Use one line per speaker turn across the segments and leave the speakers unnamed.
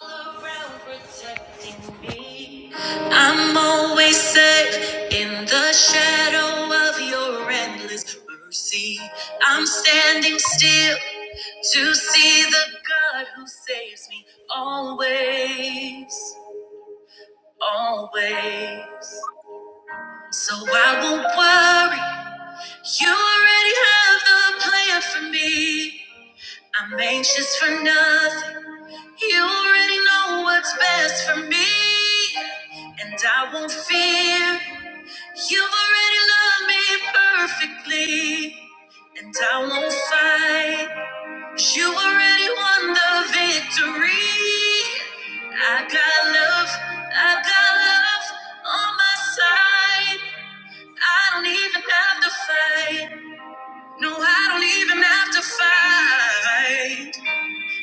All around protecting me. I'm always safe in the shadow of your endless mercy. I'm standing still to see the God who saves me always, always. So I won't worry. You already have the plan for me. I'm anxious for nothing. You already know what's best for me, and I won't fear. You've already loved me perfectly, and I won't fight. You already won the victory. I got love, I got love on my side. I don't even have to fight. No, I don't even have to fight.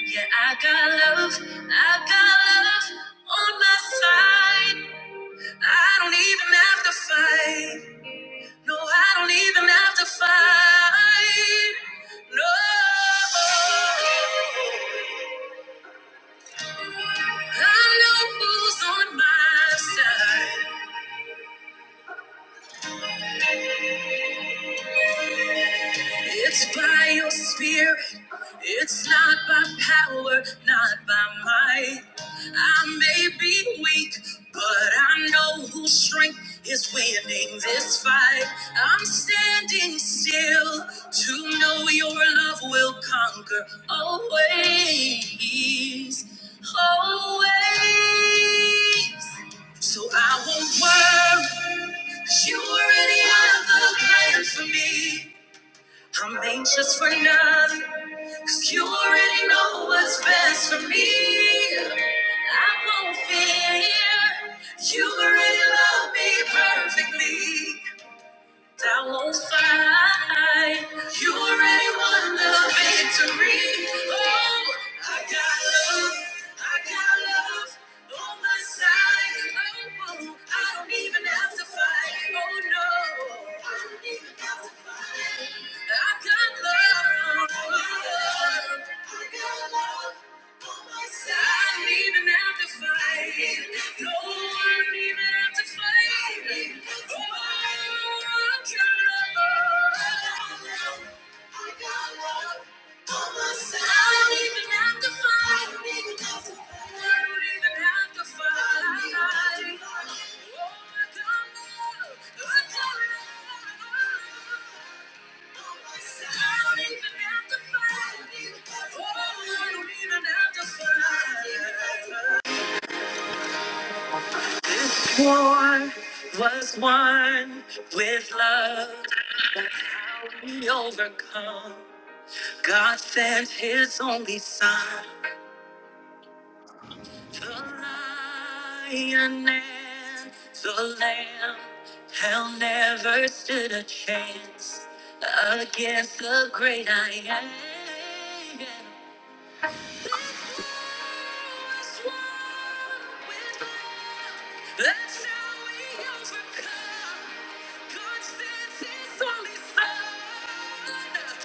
Yeah, I got love, I got love on my side. I don't even have to fight. No, I don't even have to fight. No, I know who's on my side. It's by your spirit. It's not by power, not by might. I may be weak, but I know whose strength is winning this fight. I'm standing still to know your love will conquer always. Always. So I won't worry, 'cause you already have a plan for me. I'm anxious for nothing, 'cause you already know what's best for me. I won't fear, you already love me perfectly. I won't fight, you already won the victory. Oh, I got love, I got love on my side. Oh, I don't even have to fight. Oh, no, I don't even I got love. I'm leaving after five. No, I'm Oh, i don't even have to fight. Oh, I don't know. I don't know. I don't even have to fight. I don't even have to fight. War was won with love. Now We overcome. God sent His only Son. The lion and the lamb hell never stood a chance against the great I am. This was won with love. That's how we overcome. God sends His only Son.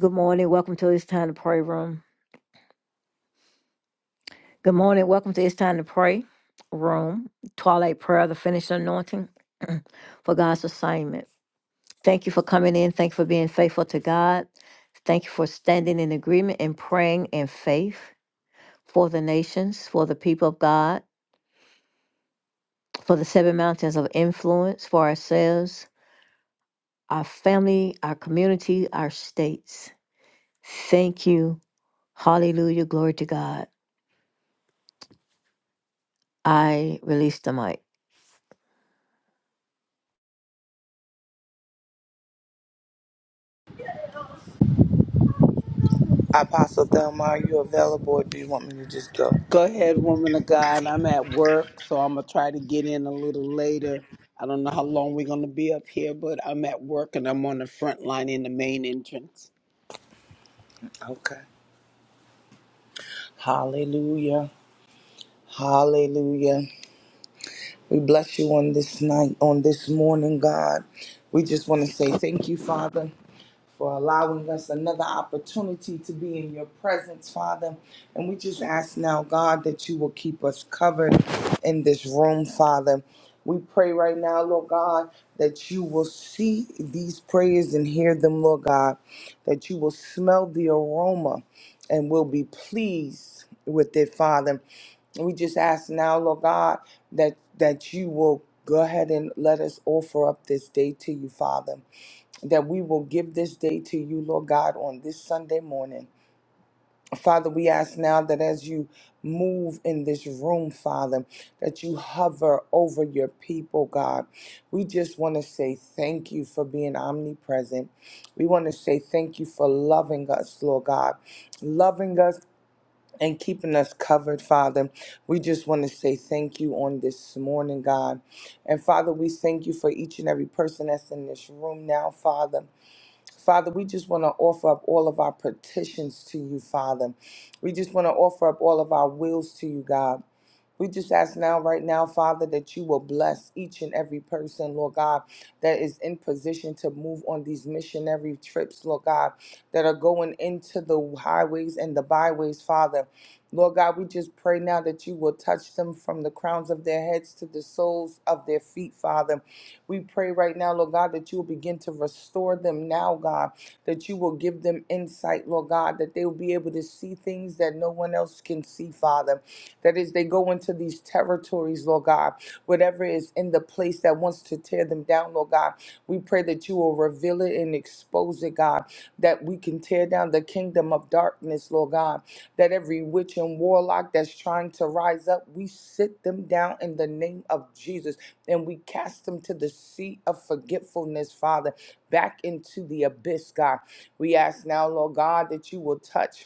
Good morning. Welcome to It's Time to Pray Room. Good morning. Welcome to It's Time to Pray Room. Twilight Prayer, the finished anointing for God's assignment. Thank you for coming in. Thank you for being faithful to God. Thank you for standing in agreement and praying in faith for the nations, for the people of God, for the seven mountains of influence, for ourselves, our family, our community, our states. Thank you. Hallelujah. Glory to God. I release the mic.
Apostle Thelma, are you available or do you want me to just go?
Go ahead, woman of God. I'm at work, so I'm gonna try to get in a little later. I don't know how long we're gonna be up here, but I'm at work and I'm on the front line in the main entrance.
Okay. Hallelujah. Hallelujah. We bless you on this night, on this morning, God. We just want to say thank you, Father for allowing us another opportunity to be in your presence, Father. And we just ask now, God, that you will keep us covered in this room, Father. We pray right now, Lord God, that you will see these prayers and hear them, Lord God, that you will smell the aroma and will be pleased with it, Father. We just ask now, Lord God, that that you will go ahead and let us offer up this day to you, Father. That we will give this day to you, Lord God, on this Sunday morning. Father, we ask now that as you move in this room, Father, that you hover over your people, God. We just want to say thank you for being omnipresent. We want to say thank you for loving us, Lord God. Loving us and keeping us covered, Father. We just want to say thank you on this morning, God. And Father, we thank you for each and every person that's in this room now, Father. Father, we just want to offer up all of our petitions to you, Father. We just want to offer up all of our wills to you, God. We just ask now, right now, Father, that you will bless each and every person, Lord God, that is in position to move on these missionary trips, Lord God, that are going into the highways and the byways, Father. Lord God, we just pray now that you will touch them from the crowns of their heads to the soles of their feet, Father. We pray right now, Lord God, that you will begin to restore them now, God, that you will give them insight, Lord God, that they will be able to see things that no one else can see, Father. That is, they go into these territories, Lord God, whatever is in the place that wants to tear them down, Lord God. We pray that you will reveal it and expose it, God, that we can tear down the kingdom of darkness, Lord God, that every witch and warlock that's trying to rise up, we sit them down in the name of Jesus and we cast them to the sea of forgetfulness, Father, back into the abyss, God. We ask now, Lord God, that you will touch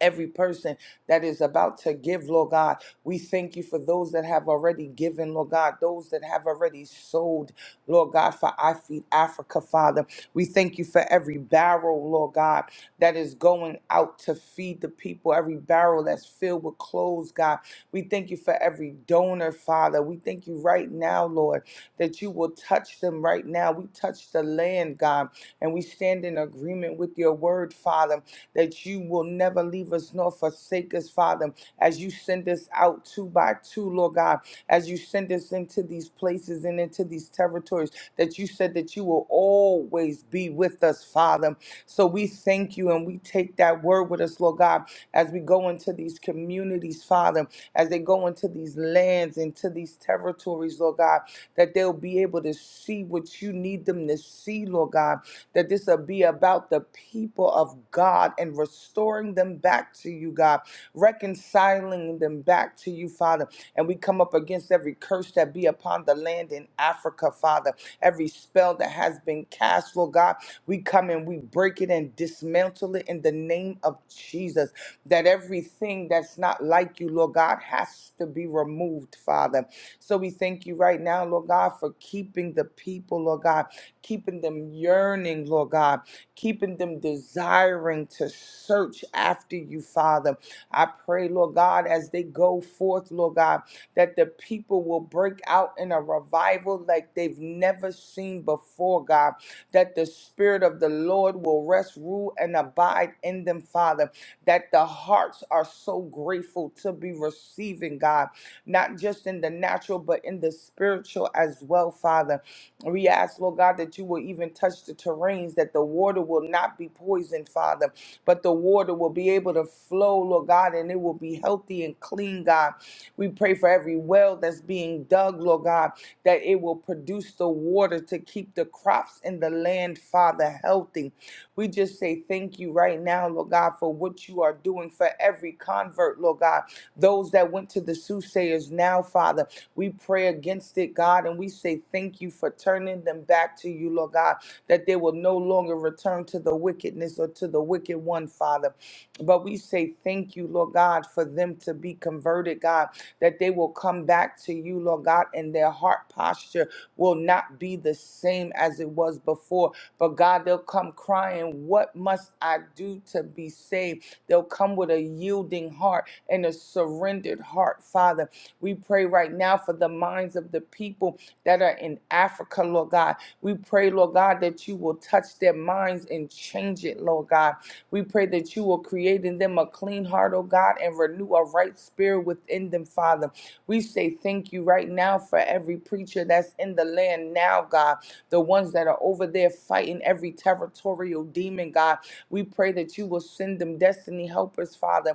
every person that is about to give, Lord God. We thank you for those that have already given, Lord God, those that have already sold, Lord God, for I Feed Africa, Father. We thank you for every barrel, Lord God, that is going out to feed the people, every barrel that's filled with clothes, God. We thank you for every donor, Father. We thank you right now, Lord that you will touch them right now. We touch the land, God, and we stand in agreement with your word, Father, that you will never leave us nor forsake us, Father, as you send us out two by two, Lord God, as you send us into these places and into these territories, that you said that you will always be with us, Father. So we thank you and we take that word with us, Lord God, as we go into these communities, Father, as they go into these lands, into these territories, Lord God, that they'll be able to see what you need them to see, Lord God, that this will be about the people of God and restoring them back to you, God, reconciling them back to you, Father. And we come up against every curse that be upon the land in Africa, Father, every spell that has been cast, Lord God. We come and we break it and dismantle it in the name of Jesus. That everything that's not like you, Lord God, has to be removed, Father. So we thank you right now, Lord God, for keeping the people, Lord God, keeping them yearning, Lord God, keeping them desiring to search after you, Father. I pray, Lord God, as they go forth, Lord God, that the people will break out in a revival like they've never seen before, God, that the Spirit of the Lord will rest, rule, and abide in them, Father, that the hearts are so grateful to be receiving, God not just in the natural, but in the spiritual as well, Father. We ask, Lord God, that you will even touch the terrains, that the water will not be poisoned, Father, but the water will be able to flow, Lord God, and it will be healthy and clean, God. We pray for every well that's being dug, Lord God, that it will produce the water to keep the crops in the land, Father, healthy. We just say thank you right now, Lord God, for what you are doing for every convert, Lord God. Those that went to the soothsayers now, Father, we pray against it, God, and we say thank you for turning them back to you, Lord God, that they will no longer return to the wickedness or to the wicked one, Father. But we say thank you, Lord God, for them to be converted, God, that they will come back to you, Lord God, and their heart posture will not be the same as it was before. But God, they'll come crying, What must I do to be saved? They'll come with a yielding heart and a surrendered heart, Father. We pray right now for the minds of the people that are in Africa, Lord God. We pray, Lord God, that you will touch their minds and change it, Lord God. We pray that you will create in them a clean heart, oh God, and renew a right spirit within them, Father. We say thank you right now for every preacher that's in the land now, God. The ones that are over there fighting every territorial demon, God. We pray that you will send them destiny helpers, Father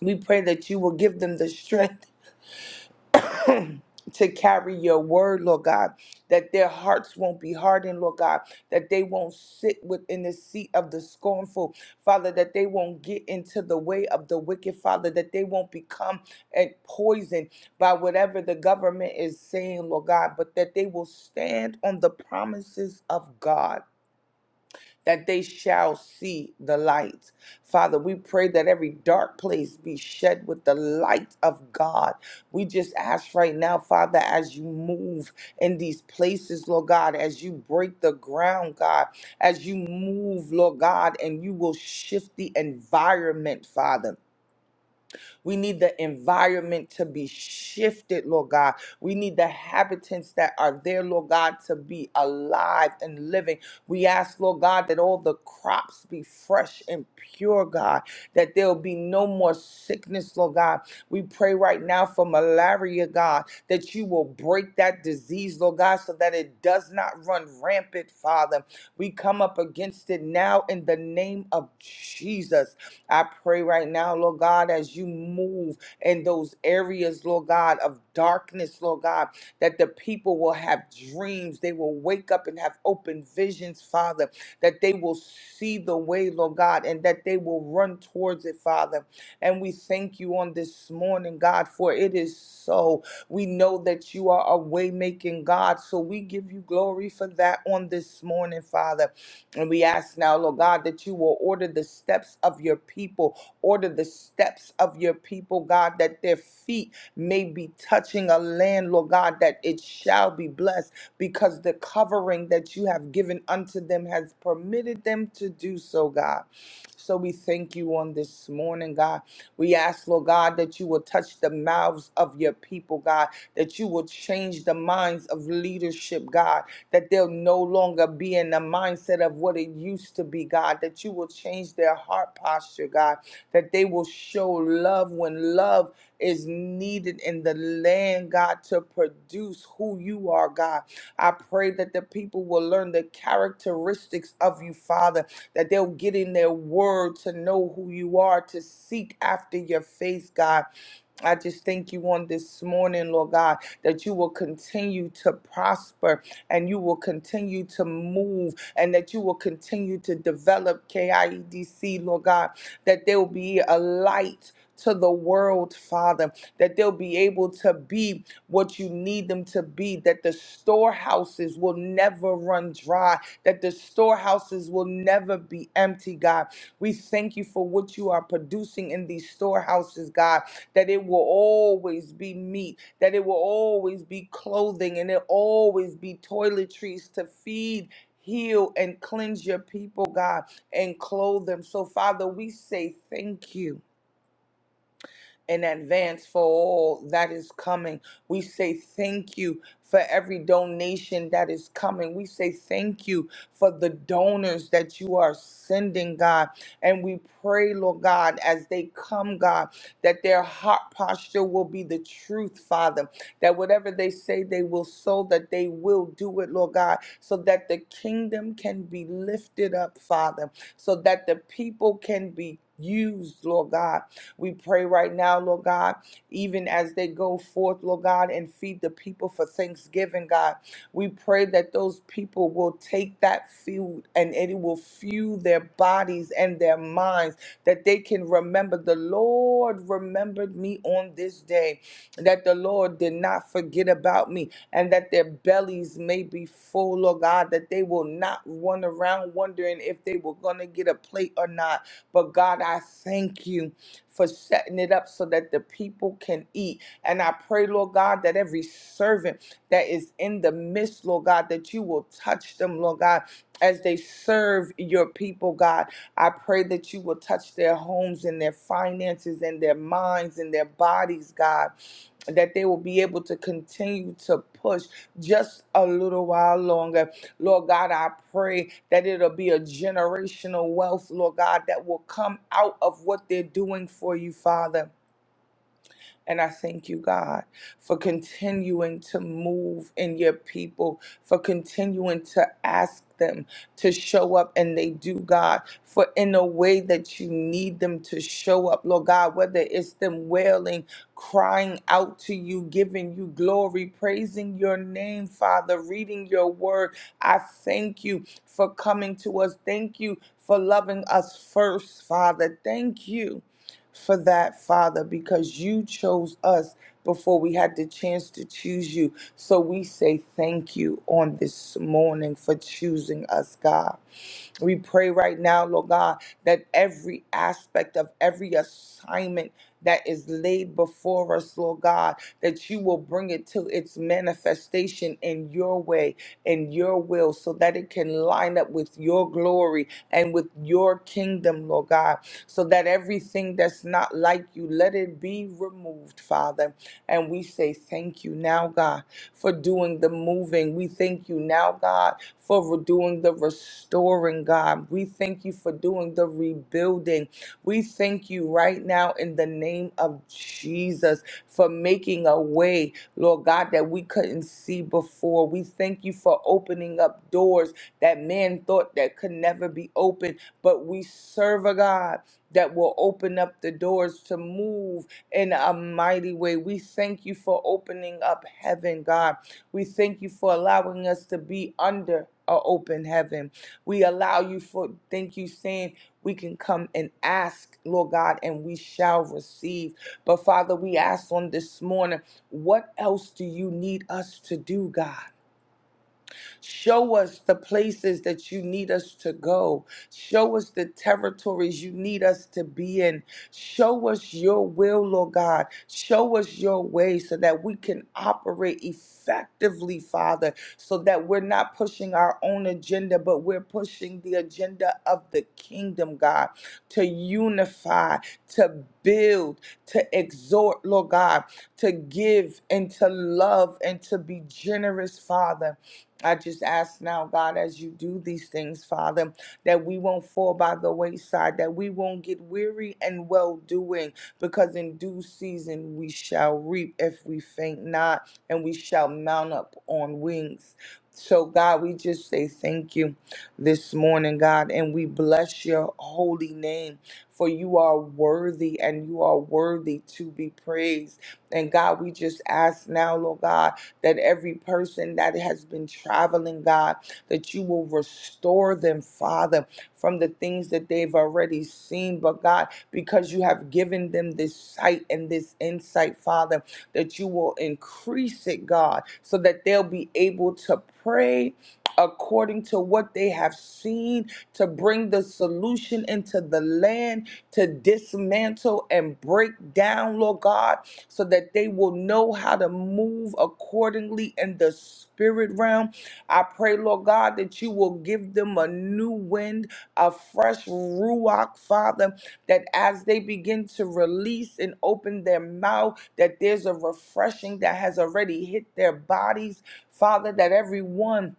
we pray that you will give them the strength to carry your word, Lord God, that their hearts won't be hardened, Lord God, that they won't sit within the seat of the scornful, Father, that they won't get into the way of the wicked, Father, that they won't become eh, poisoned by whatever the government is saying, Lord God, but that they will stand on the promises of God that they shall see the light. Father, we pray that every dark place be shed with the light of God. We just ask right now, Father, as you move in these places, Lord God, as you break the ground, God, as you move, Lord God, and you will shift the environment, Father. We need the environment to be shifted, Lord God. We need the habitants that are there, Lord God, to be alive and living. We ask, Lord God, that all the crops be fresh and pure, God, that there'll be no more sickness, Lord God. We pray right now for malaria, God, that you will break that disease, Lord God, so that it does not run rampant, Father. We come up against it now in the name of Jesus. I pray right now, Lord God, as you move in those areas, Lord God, of darkness, Lord God, that the people will have dreams. They will wake up and have open visions, Father, that they will see the way, Lord God, and that they will run towards it, Father. And we thank you on this morning, God, for it is so. We know that you are a way making God, so we give you glory for that on this morning, Father. And we ask now, Lord God, that you will order the steps of your people, order the steps of your people, God, that their feet may be touching a land, Lord God, that it shall be blessed because the covering that you have given unto them has permitted them to do so, God. So we thank you on this morning, God. We ask, Lord God, that you will touch the mouths of your people, God, that you will change the minds of leadership, God, that they'll no longer be in the mindset of what it used to be, God, that you will change their heart posture, God, that they will show love when love is needed in the land, God, to produce who you are, God. I pray that the people will learn the characteristics of you, Father, that they'll get in their word to know who you are, to seek after your face, God. I just thank you on this morning, Lord God, that you will continue to prosper and you will continue to move and that you will continue to develop KIEDC, Lord God, that there will be a light to the world, Father, that they'll be able to be what you need them to be, that the storehouses will never run dry, that the storehouses will never be empty, God. We thank you for what you are producing in these storehouses, God, that it will always be meat, that it will always be clothing, and it always be toiletries to feed. Heal and cleanse your people, God, and clothe them. So, Father, we say thank you in advance for all that is coming. We say thank you for every donation that is coming. We say thank you for the donors that you are sending, God. And we pray, Lord God, as they come, God, that their heart posture will be the truth, Father. That whatever they say they will sow, that they will do it, Lord God, so that the kingdom can be lifted up, Father, so that the people can be used, Lord God we pray right now, Lord God, even as they go forth, Lord God, and feed the people for Thanksgiving, God. We pray that those people will take that food and it will fuel their bodies and their minds, that they can remember the Lord remembered me on this day, that the Lord did not forget about me, and that their bellies may be full, Lord God, that they will not run around wondering if they were going to get a plate or not. But God, I thank you for setting it up so that the people can eat. And I pray, Lord God, that every servant that is in the midst, Lord God, that you will touch them, Lord God, as they serve your people, God. I pray that you will touch their homes and their finances and their minds and their bodies, God that they will be able to continue to push just a little while longer. Lord God, I pray that it'll be a generational wealth, Lord God, that will come out of what they're doing for you, Father. And I thank you, God, for continuing to move in your people, for continuing to ask them to show up and they do, God, for in a way that you need them to show up, Lord God, whether it's them wailing, crying out to you, giving you glory, praising your name, Father, reading your word. I thank you for coming to us. Thank you for loving us first, Father. Thank you for that, Father, because you chose us before we had the chance to choose you. So we say thank you on this morning for choosing us, God. We pray right now, Lord God, that every aspect of every assignment that is laid before us, Lord God, that you will bring it to its manifestation in your way and your will so that it can line up with your glory and with your kingdom, Lord God, so that everything that's not like you, let it be removed, Father. And we say thank you now, God for doing the moving. We thank you now, God, for doing the restoring, God. We thank you for doing the rebuilding. We thank you right now in the name of Jesus for making a way, Lord God, that we couldn't see before. We thank you for opening up doors that man thought that could never be opened, but we serve a God that will open up the doors to move in a mighty way. We thank you for opening up heaven, God. We thank you for allowing us to be under a open heaven. We allow you for thank you saying we can come and ask, Lord God, and we shall receive. But Father, we ask on this morning, what else do you need us to do, God? Show us the places that you need us to go. Show us the territories you need us to be in. Show us your will, Lord God. Show us your way so that we can operate effectively, Father, so that we're not pushing our own agenda, but we're pushing the agenda of the kingdom, God, to unify, to build, to exhort, Lord God, to give and to love and to be generous, Father. I just ask now, God, as you do these things, Father, that we won't fall by the wayside, that we won't get weary and well doing, because in due season we shall reap if we faint not, and we shall mount up on wings. So, God, we just say thank you this morning, God, and we bless your holy name, for you are worthy and you are worthy to be praised. And, God, we just ask now, Lord God that every person that has been traveling, God, that you will restore them, Father, from the things that they've already seen. But God, because you have given them this sight and this insight, Father, that you will increase it, God, so that they'll be able to pray according to what they have seen to bring the solution into the land to dismantle and break down, Lord God so that they will know how to move accordingly in the spirit realm. I pray, Lord God, that you will give them a new wind, a fresh ruach, Father, that as they begin to release and open their mouth, that there's a refreshing that has already hit their bodies, Father, that everyone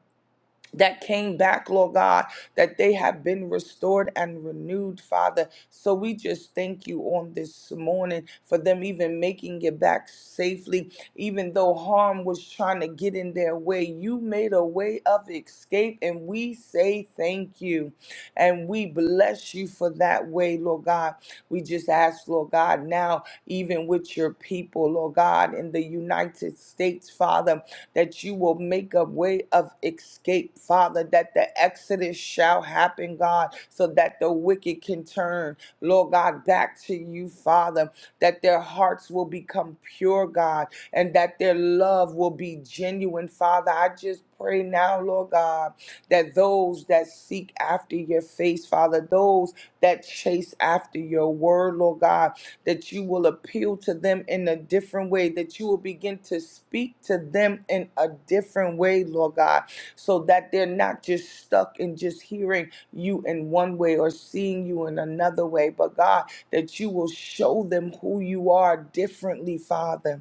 that came back, Lord God, that they have been restored and renewed, Father. So we just thank you on this morning for them even making it back safely, even though harm was trying to get in their way. You made a way of escape, and we say thank you. And we bless you for that way, Lord God. We just ask, Lord God, now, even with your people, Lord God, in the United States, Father that you will make a way of escape, Father, that the exodus shall happen, God, so that the wicked can turn, Lord God, back to you, Father, that their hearts will become pure, God, and that their love will be genuine, Father. I just pray now, Lord God, that those that seek after your face, Father, those that chase after your word, Lord God, that you will appeal to them in a different way, that you will begin to speak to them in a different way, Lord God, so that they're not just stuck in just hearing you in one way or seeing you in another way, but God, that you will show them who you are differently, Father.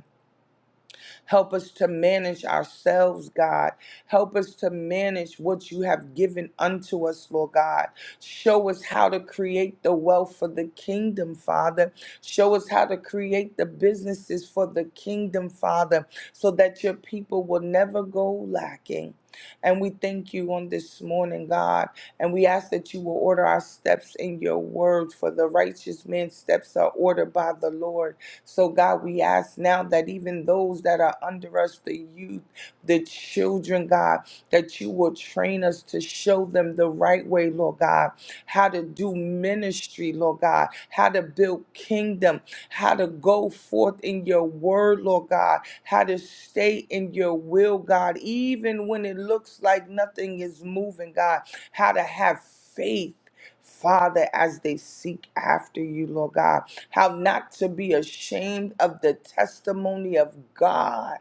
Help us to manage ourselves, God. Help us to manage what you have given unto us, Lord God. Show us how to create the wealth for the kingdom, Father. Show us how to create the businesses for the kingdom, Father, so that your people will never go lacking. And we thank you on this morning, God. And we ask that you will order our steps in your word, for the righteous man's steps are ordered by the Lord. So, God, we ask now that even those that are under us, the youth, the children, God, that you will train us to show them the right way, Lord God, how to do ministry, Lord God, how to build kingdom, how to go forth in your word, Lord God, how to stay in your will, God, even when it looks like nothing is moving, God, how to have faith. Father, as they seek after you, Lord God how not to be ashamed of the testimony of God.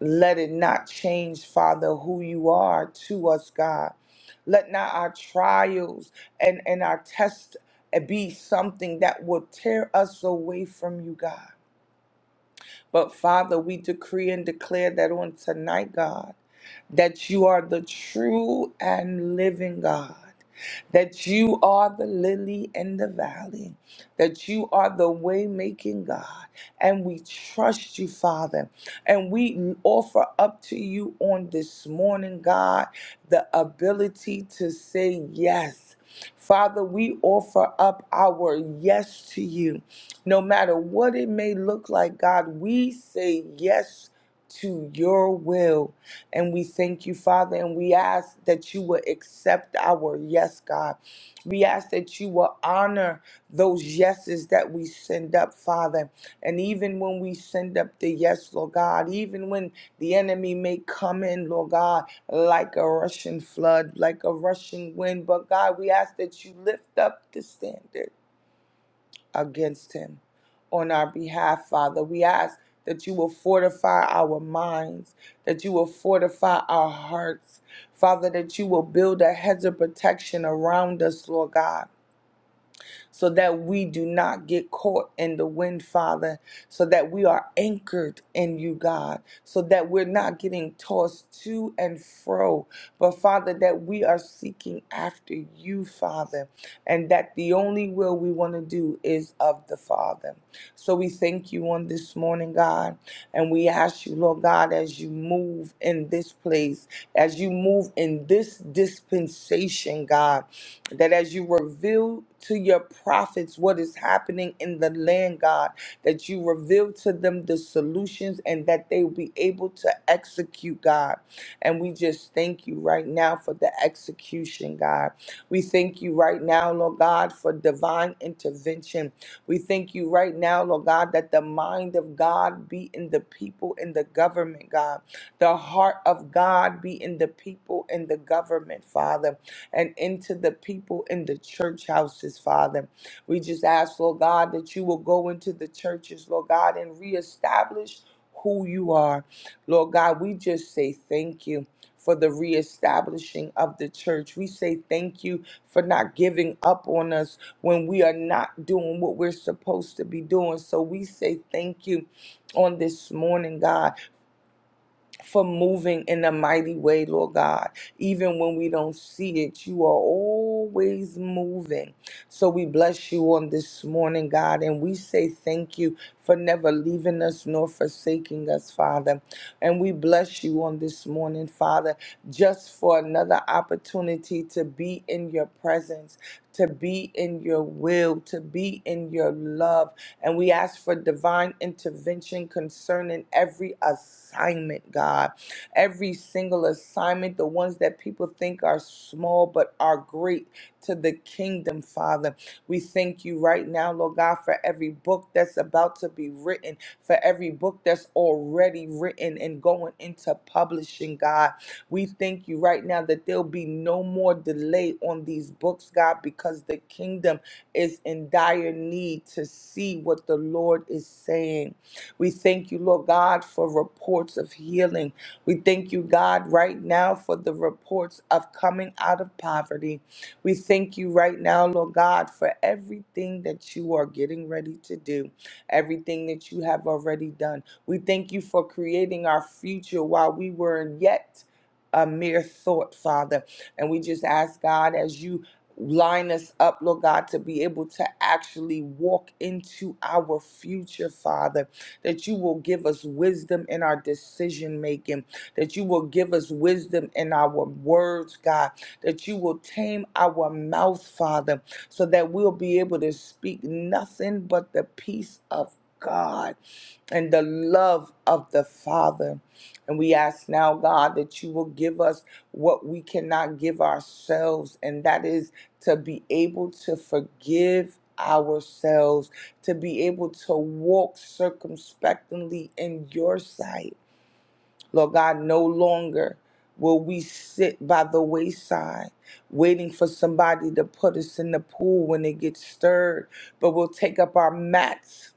Let it not change, Father, who you are to us, God. Let not our trials and, and our tests be something that will tear us away from you, God. But Father, we decree and declare that on tonight, God, that you are the true and living God, that you are the lily in the valley, that you are the way making God. And we trust you, Father. And we offer up to you on this morning, God, the ability to say yes. Father, we offer up our yes to you. No matter what it may look like, God, we say yes to your will. And we thank you, Father, and we ask that you will accept our yes, God. We ask that you will honor those yeses that we send up, Father. And even when we send up the yes, Lord God, even when the enemy may come in, Lord God, like a Russian flood, like a rushing wind, but God, we ask that you lift up the standard against him. On our behalf, Father, we ask that you will fortify our minds, that you will fortify our hearts, Father, that you will build a hedge of protection around us, Lord God so that we do not get caught in the wind, Father, so that we are anchored in you, God, so that we're not getting tossed to and fro, but Father, that we are seeking after you, Father, and that the only will we want to do is of the Father. So we thank you on this morning, God. And we ask you, Lord God, as you move in this place, as you move in this dispensation, God, that as you reveal to your prophets what is happening in the land, God, that you reveal to them the solutions and that they will be able to execute, God. And we just thank you right now for the execution, God. We thank you right now, Lord God, for divine intervention we thank you right now, Lord God, that the mind of God be in the people in the government, God. The heart of God be in the people in the government, Father, and into the people in the church houses, Father. We just ask, Lord God, that you will go into the churches, Lord God, and reestablish who you are. Lord God, we just say thank you for the reestablishing of the church. We say thank you for not giving up on us when we are not doing what we're supposed to be doing. So we say thank you on this morning, God, for moving in a mighty way, Lord God. Even when we don't see it, you are always moving. So we bless you on this morning, God, and we say thank you for never leaving us nor forsaking us, Father. And we bless you on this morning, Father, just for another opportunity to be in your presence, to be in your will, to be in your love. And we ask for divine intervention concerning every assignment, God. Every single assignment, the ones that people think are small but are great to the kingdom, Father. We thank you right now, Lord God, for every book that's about to be written, for every book that's already written and going into publishing, God. We thank you right now that there'll be no more delay on these books, God, because the kingdom is in dire need to see what the Lord is saying. We thank you, Lord God, for reports of healing. We thank you, God, right now for the reports of coming out of poverty. We thank you right now, Lord God, for everything that you are getting ready to do, everything that you have already done. We thank you for creating our future while we were yet a mere thought, Father. And we just ask God as you line us up, Lord God, to be able to actually walk into our future, Father, that you will give us wisdom in our decision making, that you will give us wisdom in our words, God that you will tame our mouth, Father, so that we'll be able to speak nothing but the peace of God and the love of the Father. And we ask now, God, that you will give us what we cannot give ourselves, and that is to be able to forgive ourselves, to be able to walk circumspectly in your sight Lord God, no longer will we sit by the wayside waiting for somebody to put us in the pool when it gets stirred, but we'll take up our mats.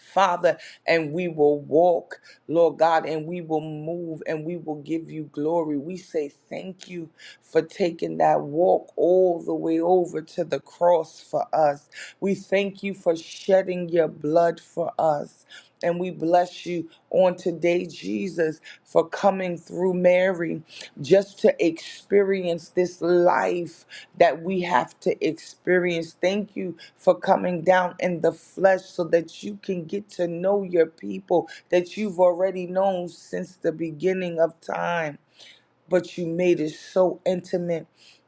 Father, and we will walk, Lord God, and we will move and we will give you glory. We say thank you for taking that walk all the way over to the cross for us. We thank you for shedding your blood for us. And we bless you on today, Jesus, for coming through Mary just to experience this life that we have to experience. Thank you for coming down in the flesh so that you can get to know your people that you've already known since the beginning of time but you made it so intimate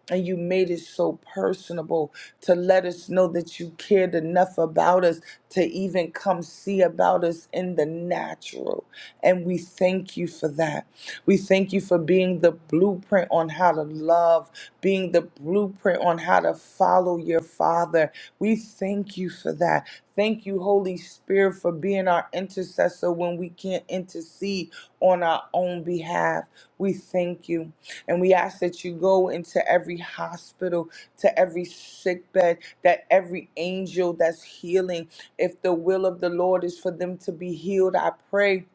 and you made it so personable to let us know that you cared enough about us to even come see about us in the natural. And we thank you for that. We thank you for being the blueprint on how to love, being the blueprint on how to follow your Father. We thank you for that. Thank you, Holy Spirit, for being our intercessor when we can't intercede on our own behalf. We thank you. And we ask that you go into every hospital, to every sick bed, that every angel that's healing, if the will of the Lord is for them to be healed, I pray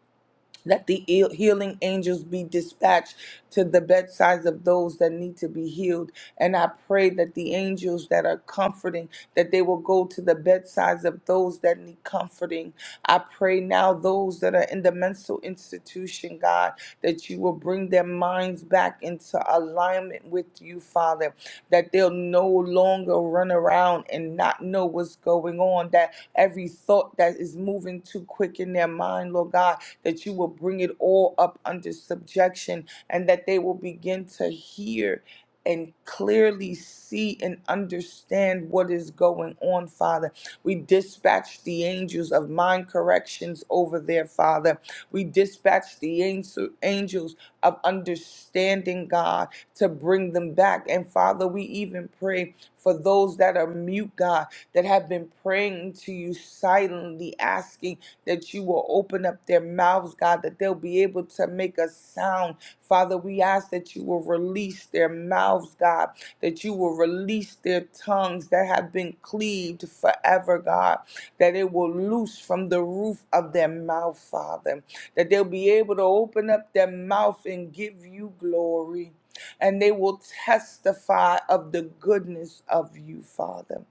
let the heal- healing angels be dispatched to the bedsides of those that need to be healed. And I pray that the angels that are comforting, that they will go to the bedsides of those that need comforting. I pray now those that are in the mental institution, God, that you will bring their minds back into alignment with you, Father that they'll no longer run around and not know what's going on, that every thought that is moving too quick in their mind, Lord God, that you will bring it all up under subjection and that they will begin to hear and clearly see and understand what is going on, Father. We dispatch the angels of mind corrections over there, Father. We dispatch the angel- angels of understanding, God, to bring them back. And Father, we even pray for those that are mute, God, that have been praying to you silently, asking that you will open up their mouths, God, that they'll be able to make a sound. Father, we ask that you will release their mouths, God, that you will release their tongues that have been cleaved forever, God that it will loose from the roof of their mouth, Father, that they'll be able to open up their mouth and give you glory. And they will testify of the goodness of you, Father.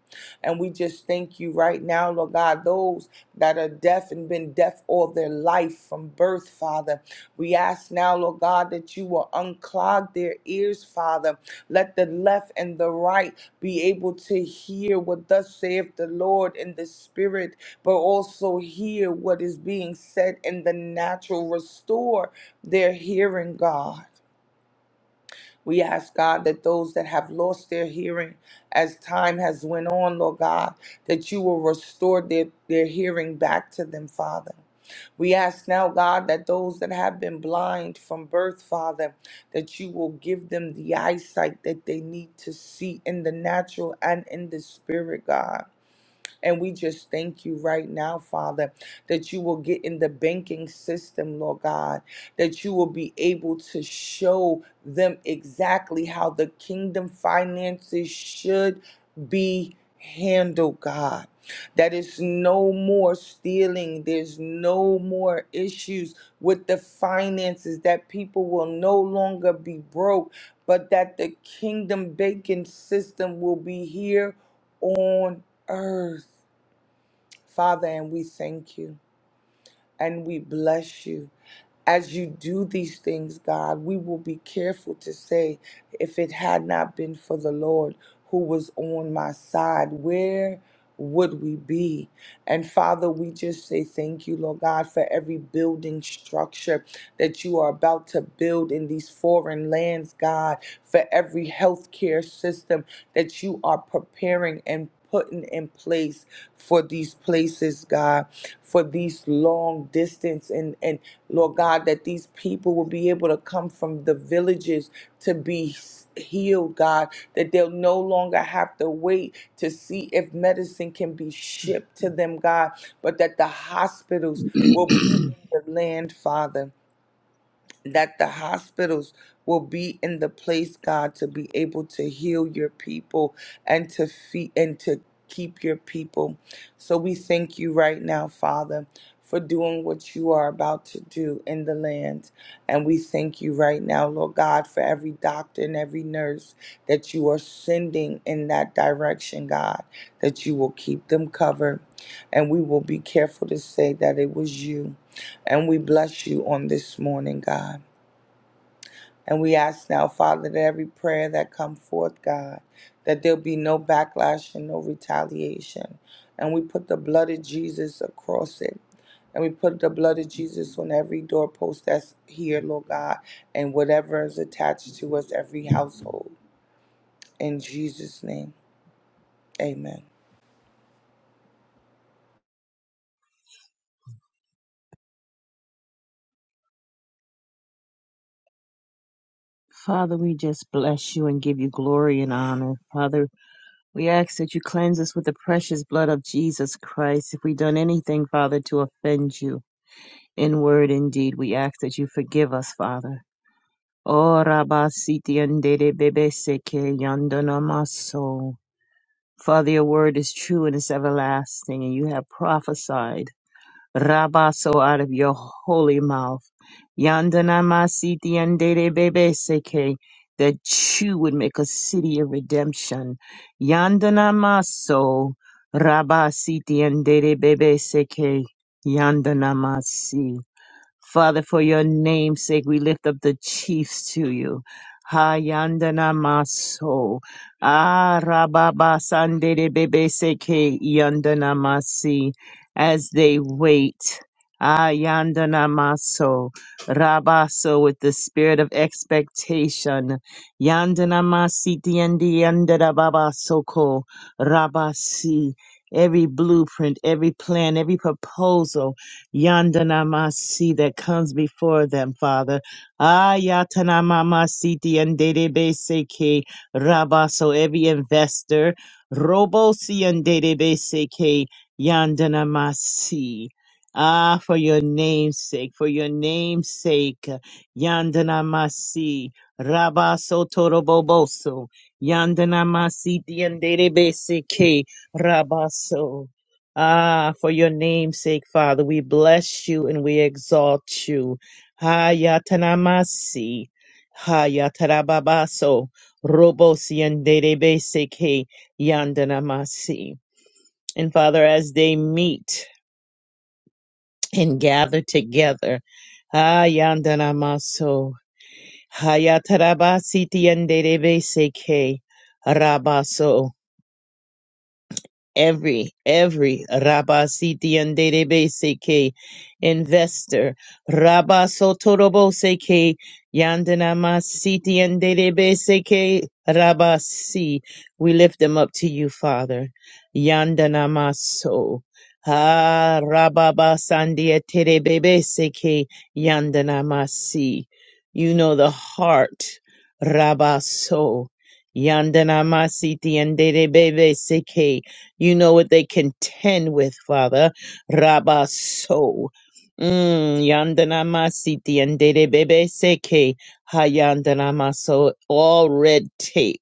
And we just thank you right now, Lord God, those that are deaf and been deaf all their life from birth, Father. We ask now, Lord God, that you will unclog their ears, Father. Let the left and the right be able to hear what thus saith the Lord in the spirit, but also hear what is being said in the natural. Restore their hearing, God. We ask God that those that have lost their hearing as time has went on, Lord God, that you will restore their, their hearing back to them, Father. We ask now, God, that those that have been blind from birth, Father, that you will give them the eyesight that they need to see in the natural and in the spirit, God. And we just thank you right now, Father, that you will get in the banking system, Lord God, that you will be able to show them exactly how the kingdom finances should be handled, God. That is no more stealing, there's no more issues with the finances, that people will no longer be broke, but that the kingdom banking system will be here on earth. Father, and we thank you and we bless you. As you do these things, God, we will be careful to say, if it had not been for the Lord who was on my side, where would we be? And Father, we just say thank you, Lord God, for every building structure that you are about to build in these foreign lands, God, for every healthcare system that you are preparing and putting in place for these places, God, for these long distance and and Lord God, that these people will be able to come from the villages to be healed, God, that they'll no longer have to wait to see if medicine can be shipped to them, God, but that the hospitals will be in the land, Father that the hospitals will be in the place, God, to be able to heal your people and to feed and to keep your people. So we thank you right now, Father, for doing what you are about to do in the land. And we thank you right now, Lord God, for every doctor and every nurse that you are sending in that direction, God, that you will keep them covered. And we will be careful to say that it was you. And we bless you on this morning, God. And we ask now, Father, that every prayer that come forth, God, that there'll be no backlash and no retaliation. And we put the blood of Jesus across it. And we put the blood of Jesus on every doorpost that's here, Lord God, and whatever is attached to us, every household. In Jesus' name, amen.
Father, we just bless you and give you glory and honor. Father, we ask that you cleanse us with the precious blood of Jesus Christ. If we've done anything, Father, to offend you in word and deed, we ask that you forgive us, Father. Ora basiti andere bebe seke yandana maso. Father, your word is true and it's everlasting, and you have prophesied rabaso out of your holy mouth. Yandana masiti andere bebe seke, that you would make a city of redemption. Yandana maso rabasiti andere bebe seke yandana masi. Father, for your name's sake, we lift up the chiefs to you. Hayandana maso, arababa sandere bebe seke yandana masi, as they wait. Ayandana maso, rabaso with the spirit of expectation. Yandana masi tiendi yandana baba soko, rabasi. Every blueprint, every plan, every proposal Yandanamasi that comes before them, Father. Ayatanamamasi and Dedebeseke Rabba. So every investor, Robosi and Dedebeseke Yandanamasi. Ah, for your name's sake, for your name's sake, Yandanamasi. Rabba Sotoroboboso. Yandanamasi and Dedebeseke Rabba. So Ah, for your name's sake, Father, we bless you and we exalt you. Hayatanamasi, hayatarababaso, robosiandedebeseke, yandanamasi. And Father, as they meet and gather together, hayandanamaso, hayatarabasitiandedebeseke, rabaso. every every Rabba Siti and Derebe seke investor Rabba Sotoroboseke Yandanama Siti and Derebe seke Rabba Si. We lift them up to you, Father. Yandanama so. Ha Rababa Sandia Terebebeseke Yandanama Si. You know the heart. Rabba so. Yandanama Siti and Derebe seke you know what they contend with, Father. Rabba so. Mm, yandana masiti and bebe seke hayandana maso all red tape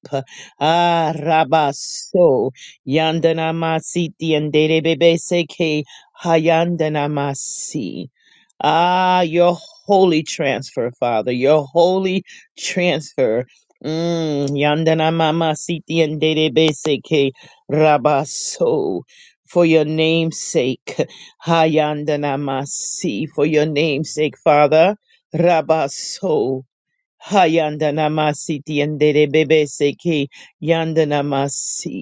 ah rabaso yandana masiti and bebe seke hayandana masi ah your holy transfer father your holy transfer Mm, yandana mama siti and Rabaso, for your name's sake, Hayandanamasi, for your name's sake, Father, Rabaso, Hayandanamasi, Tiendere Bebe Seki, Yandanamasi.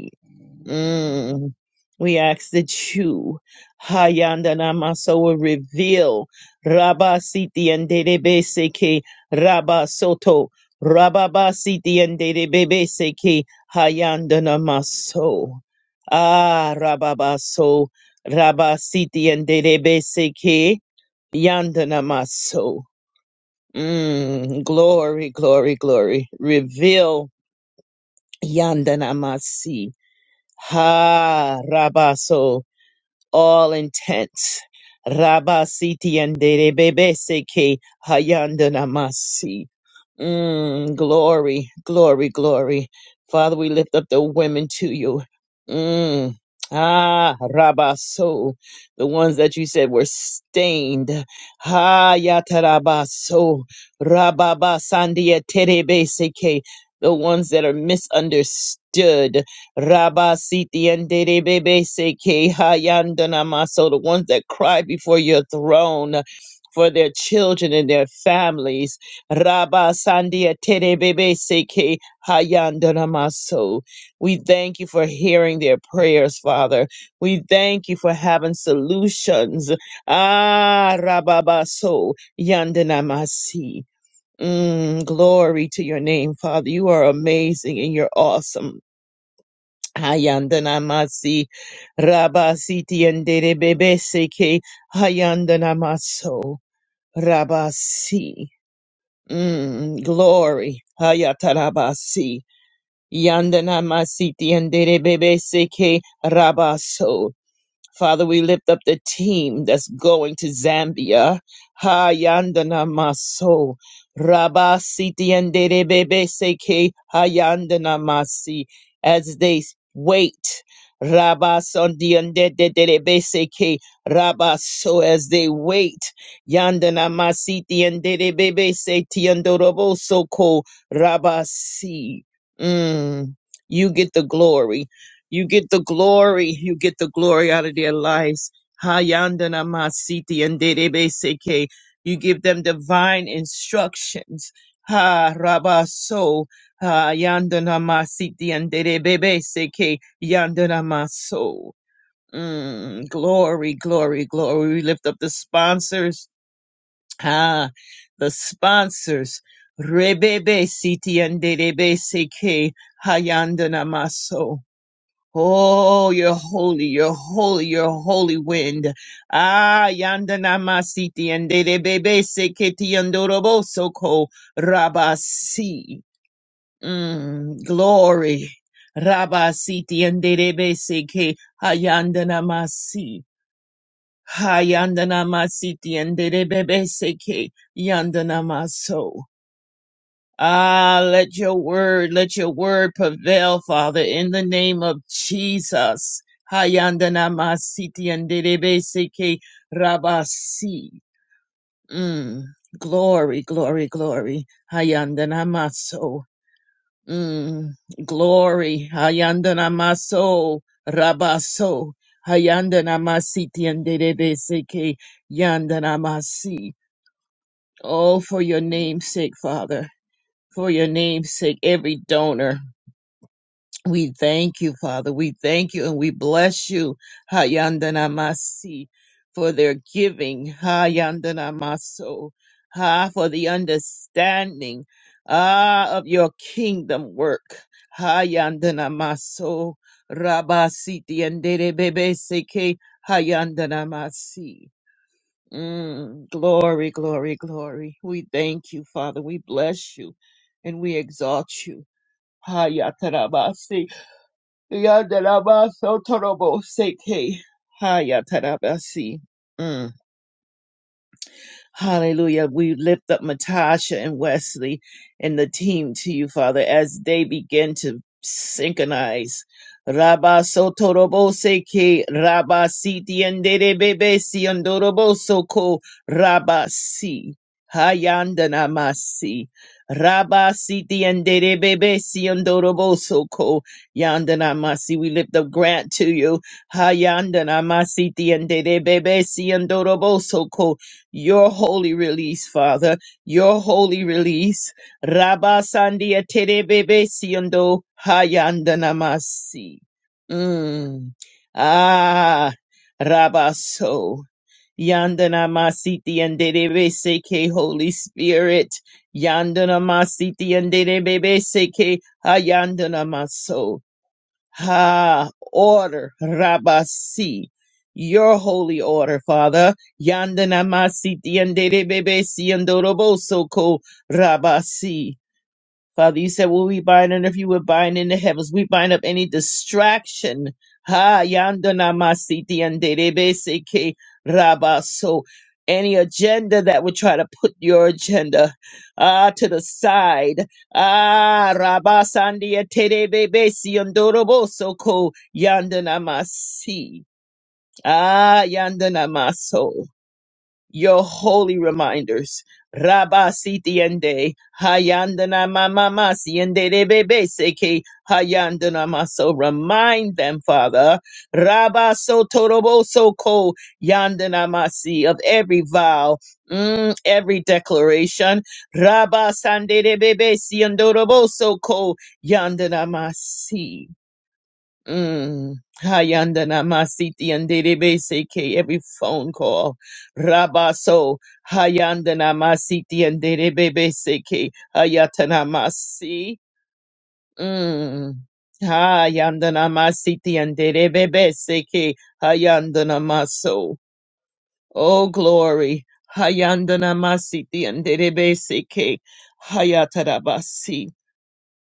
Mm. We ask that you, "Hayandana Namasa, will reveal Rabba Siti and Derebe Seke Rabba Soto, Rabba Ba Siti and Derebe Seke Hayandana maso. Ah, Rabba Baso, Rabba Siti and Derebe Seke Yandana maso. Mm, glory, glory, glory. Reveal Yanda Namasi. Ha Rabaso all intents. Rabba siti andere bebe seke hayandanamasi. Mm, glory, glory, glory. Father, we lift up the women to you. Mm. Ah, Rabba So, the ones that you said were stained. Ha Yataraba So, Rababa Sandia Terebe Seke, the ones that are misunderstood. Rabba Rabasiti and Derebese maso, the ones that cry before your throne for their children and their families. Rabba sandia Terebebe seke Terebese maso. We thank you for hearing their prayers, Father. We thank you for having solutions. Ah rabba Rababaso Yandanamasi. Mm, glory to your name, Father. You are amazing and you're awesome. Hayandana masi rabasiti andere bebese ke hayandana maso rabasi. Mm, glory. Hayatarabasi. Yandana masiti andere bebese ke rabaso. Father, we lift up the team that's going to Zambia. Ha yandana maso. Rabba siti andere bebe seke ha yandana masi. As they wait. Rabba sondi ande de seke. Rabba so as they wait. Yandana masiti andere bebe se ti andorobo soko. Rabba si. Mm. You get the glory. You get the glory. You get the glory out of their lives. Hayandana masiti and seke. You give them divine instructions. Ha rabaso. Ha yandana masiti and seke. Yandana maso. Mm, glory, glory, glory. We lift up the sponsors. Ah, the sponsors. Rebebe siti and seke. Hayandana maso. Oh, you're holy, you're holy, you're holy wind. Ah, yanda namasiti and de bebe seketi andoroboso ko rabasi. Mm, glory. Rabasiti and de bebe seke hayanda namasi. Hayanda namasiti and de bebe seke yanda namaso. Ah, let your word, let your word prevail, Father, in the name of Jesus. Hayandana masiti anderebe seke rabasi. Mm. Glory, glory, glory. Hayandana maso. Mm. Glory. Hayandana maso. Rabaso. Hayandana masiti anderebe seke yandana masi. Oh, for your name's sake, Father. For your name's sake, every donor. We thank you, Father. We thank you and we bless you, Hayandanamasi, for their giving, Hayandanamaso, ha, for the understanding, ah, of your kingdom work, Hayandanamaso, Rabasiti and Bebe Seke, Hayandanamasi. Mm, glory, glory, glory. We thank you, Father. We bless you and we exalt you. Hayatarabasi. Yandaraba Sotorobo Seke Hayatarabasi. Mm. Hallelujah. We lift up Matasha and Wesley and the team to you, Father, as they begin to synchronize. Rabba sotorobose ke rabba si tiendere bebe si andoroboso ko rabba si hayandana masi. Rabba si tiendere bebe si andoroboso ko yandana masi. We lift up Grant to you. Hayandana masi tiendere bebe si andoroboso ko your holy release, Father, your holy release. Rabba Sandia Terebebe Siendo Hayandanamasi. Mm. Ah, Rabba So. Yandanamasiti and Derebe Seke, Holy Spirit. Yandanamasiti and Derebe Seke, Hayandanamaso. Ha, order, Rabasi, your holy order, Father. Yandanamasi, Yandere Bebe, Siandoroboso, Ko, Rabasi. Father, you said "Will we bind on earth, you would bind in the heavens. We bind up any distraction. Ha yandana masiti and raba. rabaso. any agenda that would try to put your agenda ah to the side. Ah raba sandia terebesi andorobo so ko yandana masi. Ah yandana maso your holy reminders. Rabba sitiende, hayandana mama siende de bebe seke, hayandana maso. Remind them, Father. Rabba so torobo so ko, yandana masi of every vow. Mm, every declaration, Rabba Sande de Bebe siendorobo so Siandorobo Soko masi. Mm. Hayanda namasiti anderebe seke every phone call. Rabaso hayanda namasiti anderebe seke hayata namasi. Mm. Hayanda namasiti anderebe seke hayanda namaso. Oh glory. Hayanda namasiti anderebe seke hayata rabasi.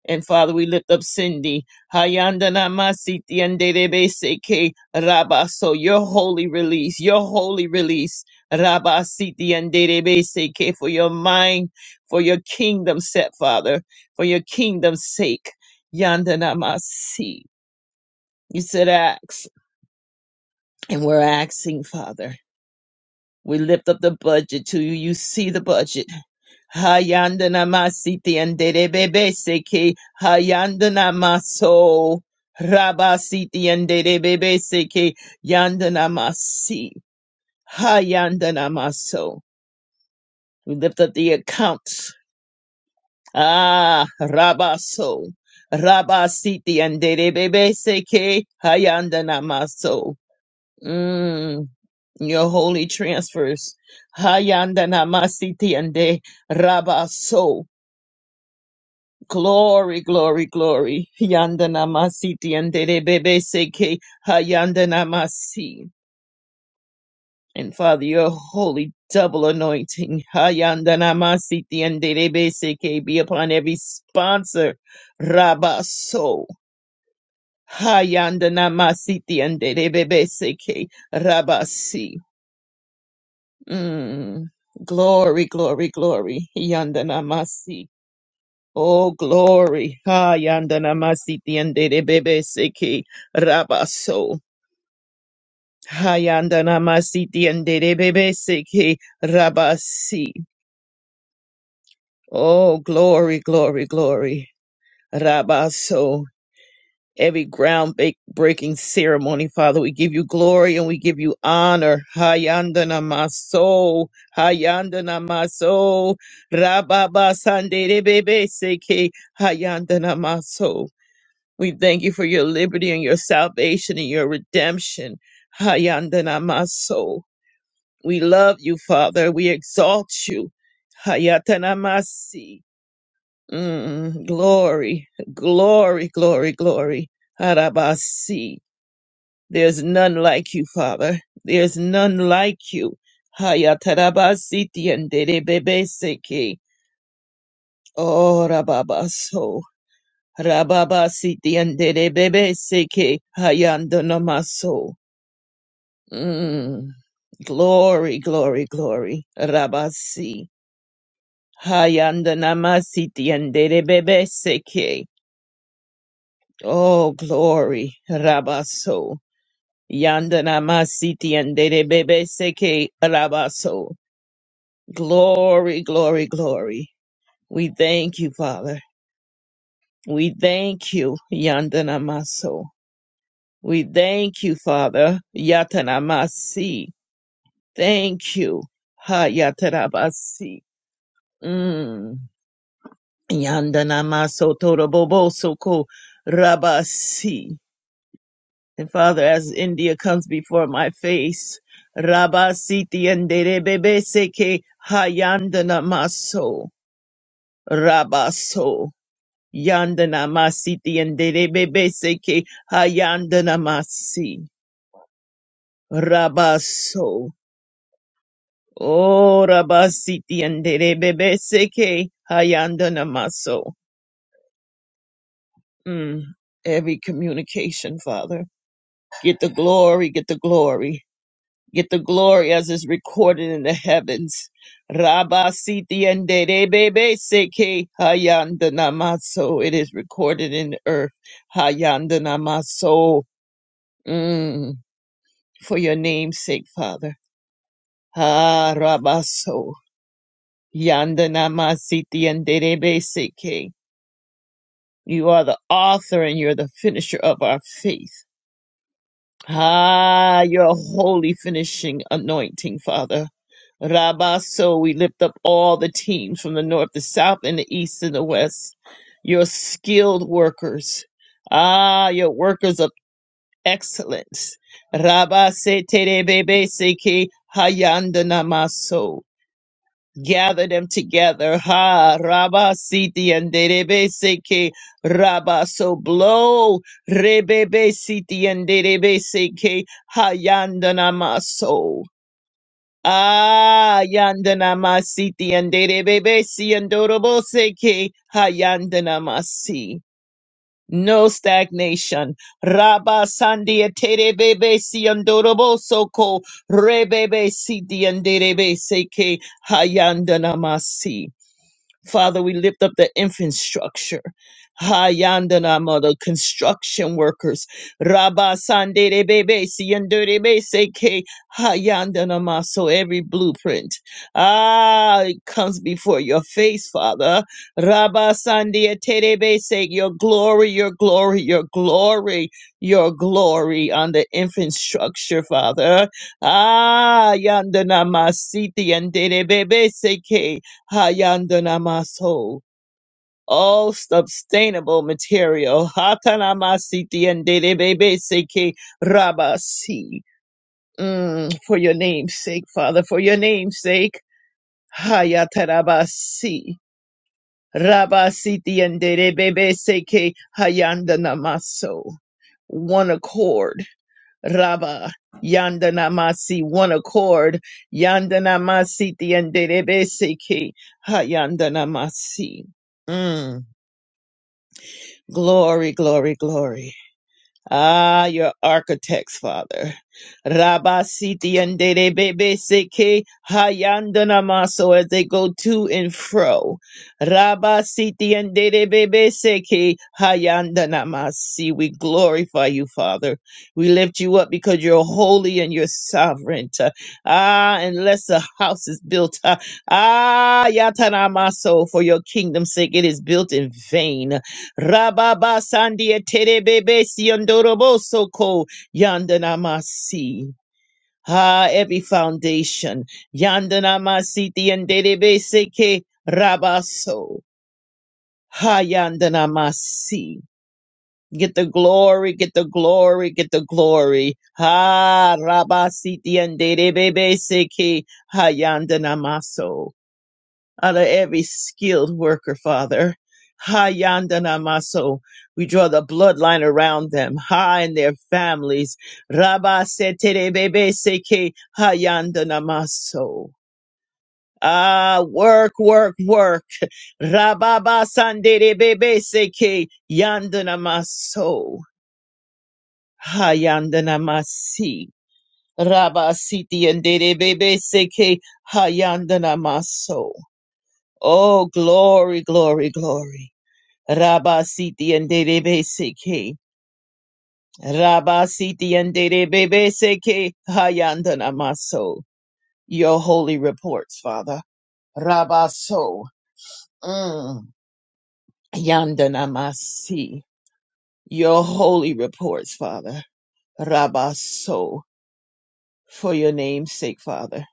And Father, we lift up Cindy. Hayandana masiti anderebe seke rabaso. your holy release, your holy release. Rabasiti siti anderebe seke for your mind, for your kingdom set, Father, for your kingdom's sake. Yandana masi. You said ask, and we're asking, Father. We lift up the budget to you. You see the budget. Hayandana masiti and derebebe seke hayandana maso rabasiti and derebebe seke yandana masi hayandana maso. We lift up the accounts. Ah, rabaso rabasiti and derebebe seke hayandana maso. Mm, your holy transfers. Hayandana masiti and de rabaso. Glory, glory, glory. Yandana masiti tiandere bebe seke hayandana masi. And Father, your holy double anointing, hayandana masiti tiandere bebe seke, be upon every sponsor, rabaso. Hayandana masiti tiandere bebe seke, rabasi. Mm. Glory, glory, glory. Yandana masi. Oh, glory. ha yandana masiti and de Bebe Siki Rabaso. ha yandana masiti and de Bebe Siki Rabasi. Oh, glory, glory, glory. Rabaso. Every ground ba- breaking ceremony, Father, we give you glory and we give you honor. Ha ha yandana maso, Ha yandana maso, Rababa Sande de Bebe seki. ha yandana maso. We thank you for your liberty and your salvation and your redemption. Hayandanamaso. We love you, Father. We exalt you. Hayatanamasi. Mm, glory, glory, glory, glory. Harabasi. There's none like you, Father. There's none like you. Hayatarabasi tiendere bebeseke. Oh, Rababa siti andere bebe seke hayando namaso. Mm. Glory, glory, glory. Rabasi. Hayando namasiti andere bebe seke. Oh, glory. Rabaso. Yanda namasiti andere bebe seke. Rabaso. Glory, glory, glory. We thank you, Father. We thank you, Yanda Namaso. We thank you, Father. Yatanamasi. Thank you. Ha yatanamasi. Mm. Yandanamaso torobobosoko rabasi. And Father, as India comes before my face, rabasi tienderebebeseke ha yandanamaso rabaso. Yandanamasi tienderebebeseke ha yandanamasi rabaso. Oh, Rabasiti and Seke Hayanda Namaso. Mm. Every communication, Father. Get the glory, get the glory. Get the glory as is recorded in the heavens. Rabasiti and Seke Hayanda Namaso. It is recorded in the earth. Hayanda Namaso. Mm. For your name's sake, Father. Ah, Rabaso. Yanda Namasiti and Seke. You are the author and you're the finisher of our faith. Ah, your holy finishing anointing, Father. Rabba, so we lift up all the teams from the north, the south, and the east, and the west. Your skilled workers. Ah, your workers of excellence. Rabba se te de bebe se ke hayanda namaso gather them together. Ha Rabba Siti and Derebe Seke Rabba so blow Rebebe Siti and Derebe Seke Hayandanama so. Ah Yandanama Siti and Derebe Si and Dorobo Seke Hayandanama Si. No stagnation. Rabba Sandia Terebebe Si and Dorobo Soko Rebebe Siti and Derebe Seke Hayandanama Si. Father, we lift up the infrastructure. Hayandana mother, construction workers. Rabba Sandere Bebe Siandere Seke Hayandana Maso, every blueprint. Ah, it comes before your face, Father. Rabba Sandia Terebe Seke, your glory, your glory, your glory, your glory on the infrastructure, Father. Ah, Yandana Masiti and Bebe Seke. Hayandanamaso, all sustainable material. Hatanamasiti and Dedebebeseke Rabasi. Mm, for your name's sake, Father, for your name's sake. Hayatarabasi. Rabasiti and Dedebebeseke Hayandanamaso. One accord Raba Yandanamasi one accord Yandanamasi Tiandebesiki Ha Yandanamasi. Mm. Glory, glory, glory. Ah, your architects, Father. Rabasiti and Dede Bebe Seke Hayandana Maso as they go to and fro. Rabasiti and Dede Bebe Seke Hayandana Masi. We glorify you, Father. We lift you up because you're holy and you're sovereign. Ah, unless the house is built. Ah, Yatana Maso, for your kingdom's sake, it is built in vain. Rababa Sandia Terebebe Siondorobosoko Yandanamasi. Ah, every foundation. Yandanamasi Tiandebe Seke Rabaso. Ha Yandanamasi. Get the glory, get the glory, get the glory. Ha Rabasiti and Derebebe Seke Ha Yandanamaso out of every skilled worker, Father. ha yandana maso, We draw the bloodline around them, ha, and their families. Rabba seterebebe seke ha yandana maso. Ah, work, work, work. Rababa sanderebebe seke yandana maso. Ha yandana masi. Rabba siti yanderebebe seke ha yandana maso. Oh, glory, glory, glory. Rabasiti and Derebe Seke. Rabasiti and Derebe Seke. Hayandana Maso. Your holy reports, Father. Rabaso. Mm. Yandana Masi. Your holy reports, Father. Rabaso. For your name's sake, Father.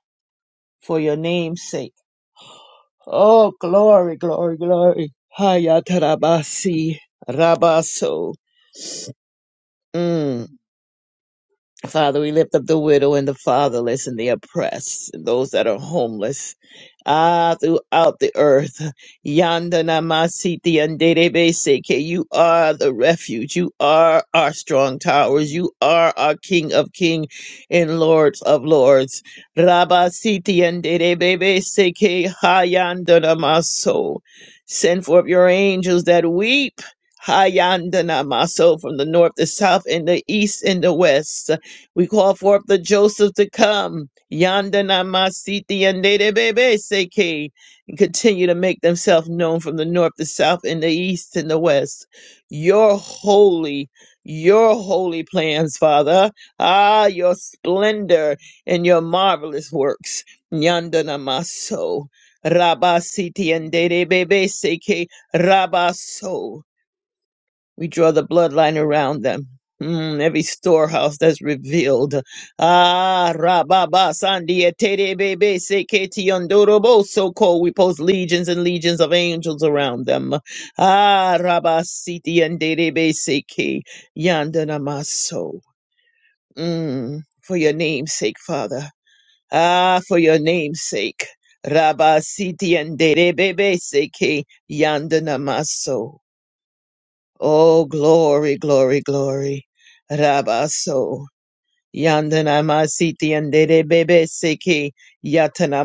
For your name's sake. Oh, glory, glory, glory. Hayatarabasi. Rabaso. Mm. Father, we lift up the widow and the fatherless and the oppressed, and those that are homeless. Ah, throughout the earth. Yanda namasiti anderebe seke. You are the refuge. You are our strong towers. You are our King of King and Lords of Lords. Rabasiti anderebeseke hayanda namaso. Send forth your angels that weep. Hayanda namaso from the north, the south, and the east, and the west. We call forth the Joseph to come. Yanda namasiti and bebe seke. And continue to make themselves known from the north, the south, and the east, and the west. Your holy, your holy plans, Father. Ah, your splendor and your marvelous works. Yanda namaso. Rabasiti and bebe seke. Rabaso. We draw the bloodline around them. Mm, every storehouse that's revealed. Ah, Rababa Sandia Tere Bebe Seketi Yondorobo Soko. We post legions and legions of angels around them. Ah, Rabasiti Yanderebe Seke Yandanamaso. Mm, for your name's sake, Father. Ah, for your name's sake. Rabasiti Yanderebebe Seke Yandanamaso. Oh, glory, glory, glory. Rabaso. yandanamasi masiti andere bebe seki yatana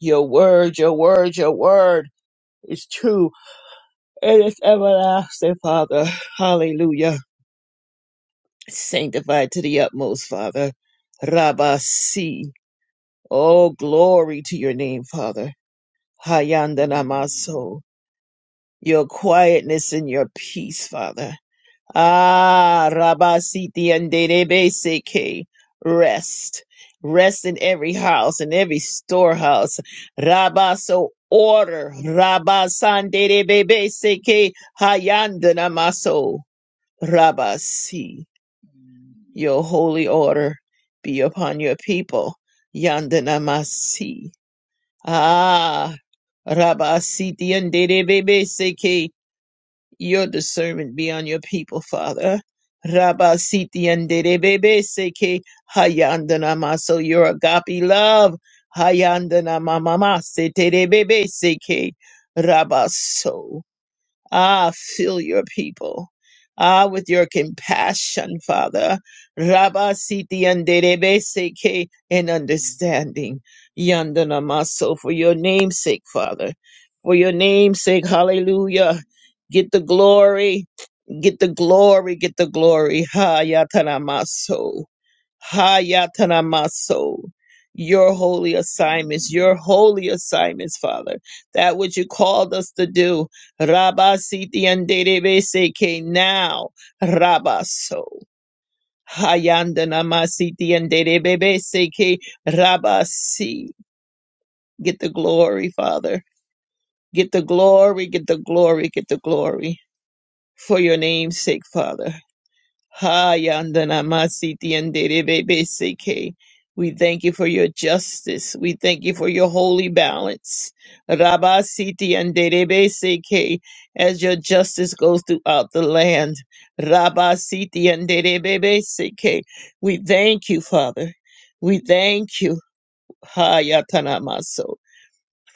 Your word, your word, your word is true. It is everlasting, Father. Hallelujah. Sanctified to the utmost, Father. Rabasi. Oh, glory to your name, Father. Hayandana Your quietness and your peace, Father. Ah, Rabasiti and Seke. Rest. Rest in every house, in every storehouse. Rabba, so order. Rabba Sanderebebe Seke Hayandanamaso. maso. Rabasi, Your holy order be upon your people. Yandana masi. Ah, Rabba Siti Seke. Your discernment be on your people, Father. Rabba siti anderebebe seke hayandana maso your agape love. Hayandana mamama seterebebe seke rabaso. Ah, fill your people. Ah, with your compassion, Father. Rabba siti anderebe seke and understanding. Yandana maso for your name's sake, Father. For your name's sake, hallelujah. Get the glory. Get the glory, get the glory. Hayatanamaso. Hayatanamaso. Your holy assignments, your holy assignments, Father. That which you called us to do. Rabba siti anderebe seke now. Rabba so. Hayandanama siti anderebe seke rabba si. Get the glory, Father. Get the glory, get the glory, get the glory. For your name's sake, Father. Hayandana Masiti and Seke. We thank you for your justice. We thank you for your holy balance. Rabba Siti and Seke. As your justice goes throughout the land. Rabba Siti and Seke. We thank you, Father. We thank you. Hayatana Maso.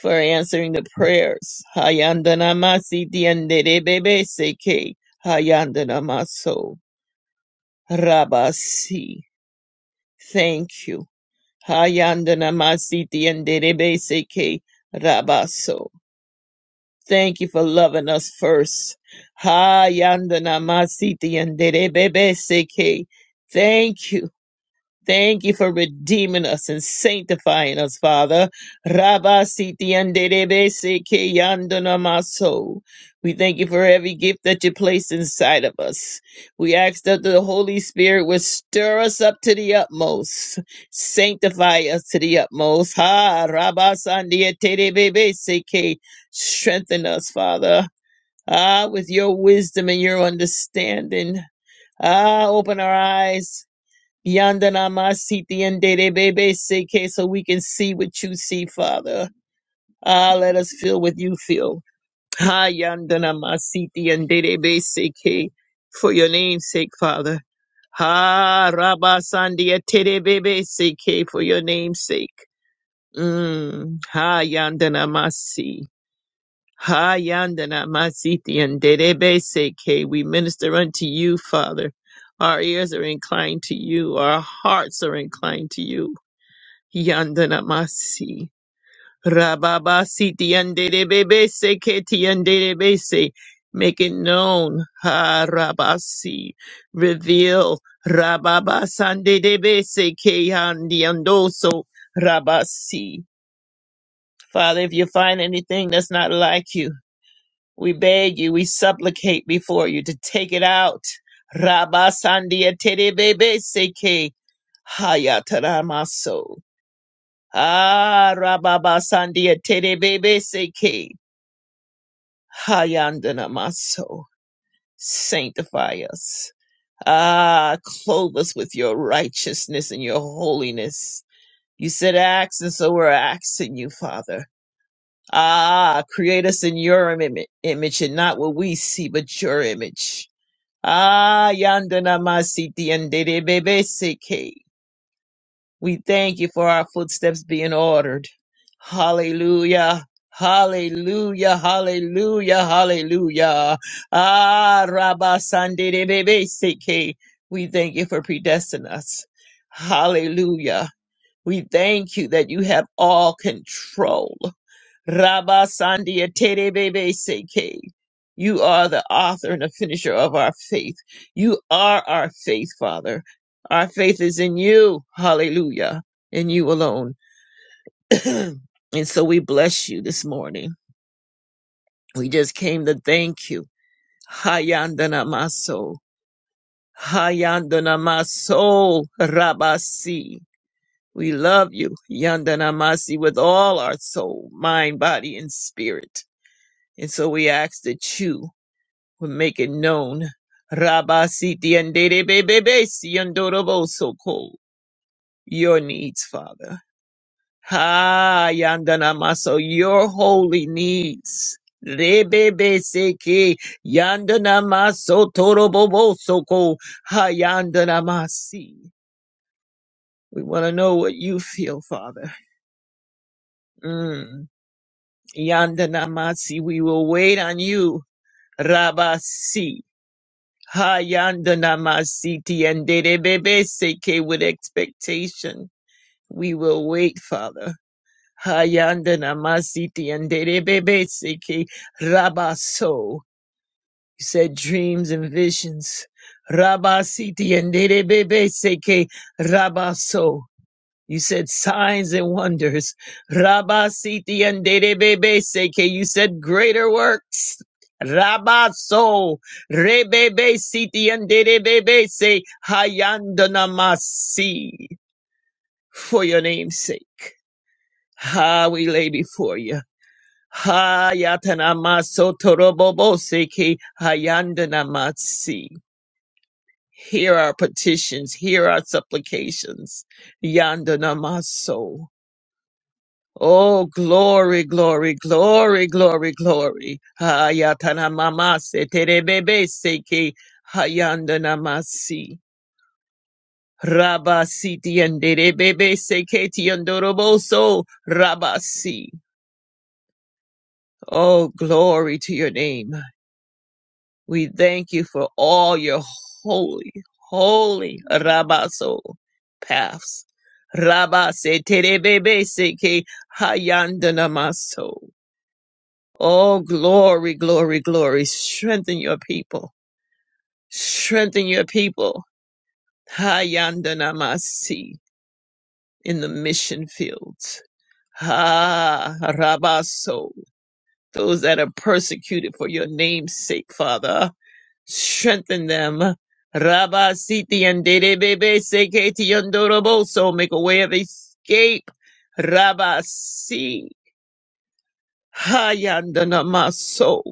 For answering the prayers. Hayandana Masiti and Seke. Hayandana Maso. Rabasi. Thank you. Hayandana Masiti and Derebeseke Rabaso. Thank you for loving us first. Hayandana Masiti and Derebeseke. Thank you. Thank you for redeeming us and sanctifying us, Father. Rabba siti anderebe seke yandana maso. We thank you for every gift that you place inside of us. We ask that the Holy Spirit would stir us up to the utmost, sanctify us to the utmost. Ha, Rabba sandia terebebe seke. Strengthen us, Father. Ah, with your wisdom and your understanding. Ah, open our eyes Yandanamasiti and Dede Bebe Seke, so we can see what you see, Father. Ah, let us feel what you feel. Ha Yandanamasiti and Dede Bebe Seke, for your name's sake, Father. Ha Rabba sandia, Tere Bebe Seke, for your name's sake. Mm, ha Yandanamasi. Ha yandana masiti and derebe seke. We minister unto you, Father. Our ears are inclined to you. Our hearts are inclined to you. Yandana masi. Rababa siti and derebe seke ti and derebe se. Make it known. Ha rabasi. Reveal. Rababa sande debe seke yandi andoso. Rabasi. Father, if you find anything that's not like you, we beg you, we supplicate before you to take it out. Rabba Sandia Terebebe Seke Hayataramaso. Ah Rabba Sandia Terebebe Seke Hayandanamaso. Sanctify us. Ah, clothe us with your righteousness and your holiness. You said axe, and so we're asking you, Father. Ah, create us in your Im- image and not what we see, but your image. Ah, yandana masiti and Dedebebeseke. We thank you for our footsteps being ordered. Hallelujah. Hallelujah, hallelujah, hallelujah. Ah, Rabba Sandedebebeseke. We thank you for predestining us. Hallelujah. We thank you that you have all control. Rabba Sandia Tere Bebe Seke. You are the author and the finisher of our faith. You are our faith, Father. Our faith is in you. Hallelujah. In you alone. and so we bless you this morning. We just came to thank you. Hayandana Maso. Hayandana Maso Rabasi. We love you, Yandanamasi with all our soul, mind, body, and spirit. And so we ask that you would make it known. Rabba Siti and Dede Bebe Siandoroboso your needs, Father. Ha Yandana Maso, your holy needs. Rebebe Seki Yandana Maso Torobobo soko. Ha Yandana Masi. We want to know what you feel, Father. Mm. Yandana Masi, we will wait on you. Rabasi. Hayandanamasiti and Dedebebe seke with expectation. We will wait, Father. Hayandanamasiti and Dedebebe seke Rabaso. You said dreams and visions. Rabasiti and Dedebebe seke Rabaso. You said signs and wonders. Rabba Siti and Derebebe Seke. You said greater works. Rabba so Rebebe Siti and Derebebe Se Hayandanamasi. For your name's sake. Ha, we lay before you. Ha Yatanamaso Torobobo Seke Hayandanamasi. Hear our petitions, hear our supplications. Yandanamaso. Oh, glory, glory, glory, glory, glory. Hayatana mamase terebebe seke hayandana masi. Rabasi tienderebebe seke tiendoroboso rabasi. Oh, glory to your name. We thank you for all your holy, holy rabaso paths. Rabase terebebe seke hayandana maso. Oh, glory, glory, glory. Strengthen your people. Strengthen your people. Hayandanamasi in the mission fields. Ha Rabaso. Those that are persecuted for your name's sake, Father. Strengthen them. Rabasiti and Derebebe Seketi Yondoroboso. Make a way of escape. Rabasi. Hayandanamaso.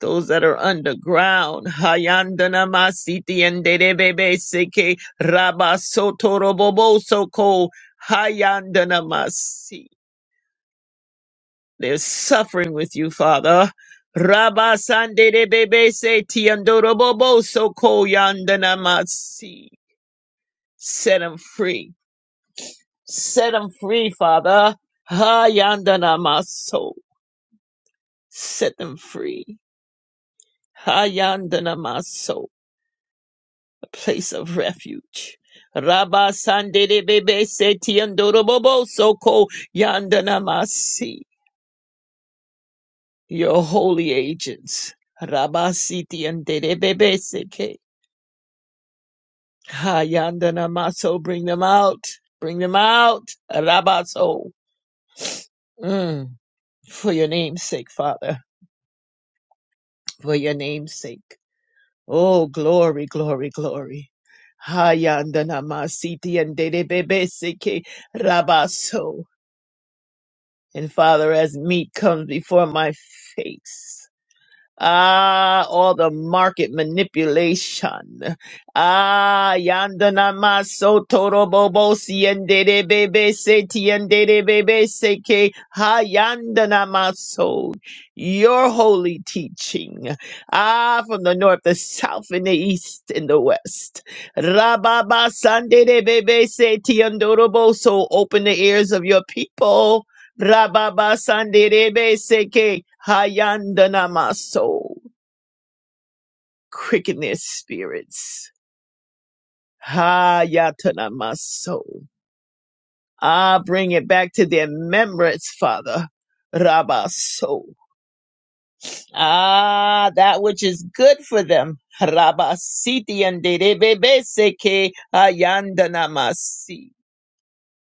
those that are underground. Hayandana masiti and derebebe seke rabasotoroboboso ko hayandana masi. They're suffering with you, Father. Rabasanderebebe se tiandoroboboso ko yandana masi. Set them free. Set them free, Father. Hayandana maso. Set them free. Hayandana maso. place of refuge. Rabba Sandede Bebe Setiandorobobo Soko Yandanamasi, your holy agents. Rabba Siti and Dede Bebe Seke. Ha Yandanamaso, bring them out. Bring them out. Rabaso. Mm. For your name's sake, Father. For your name's sake. Oh, glory, glory, glory. Ha Yandanama Siti and Dede Bebe Seke Rabaso. And Father, as meat comes before my face. Ah, all the market manipulation. Ah, yandana maso toro bobo siende de bebe se tiende de bebe se ke ha yandana maso Your holy teaching. Ah, from the north, the south, and the east, and the west. Rababa sande de bebe se tiendo robo. So open the ears of your people Rababa Sanderebe Seke Hayandanamaso. Quicken their spirits. Hayatanamaso. Ah, bring it back to their remembrance, Father. Rabaso. Ah, that which is good for them. Rabasiti and Derebe Seke Hayandanamasi.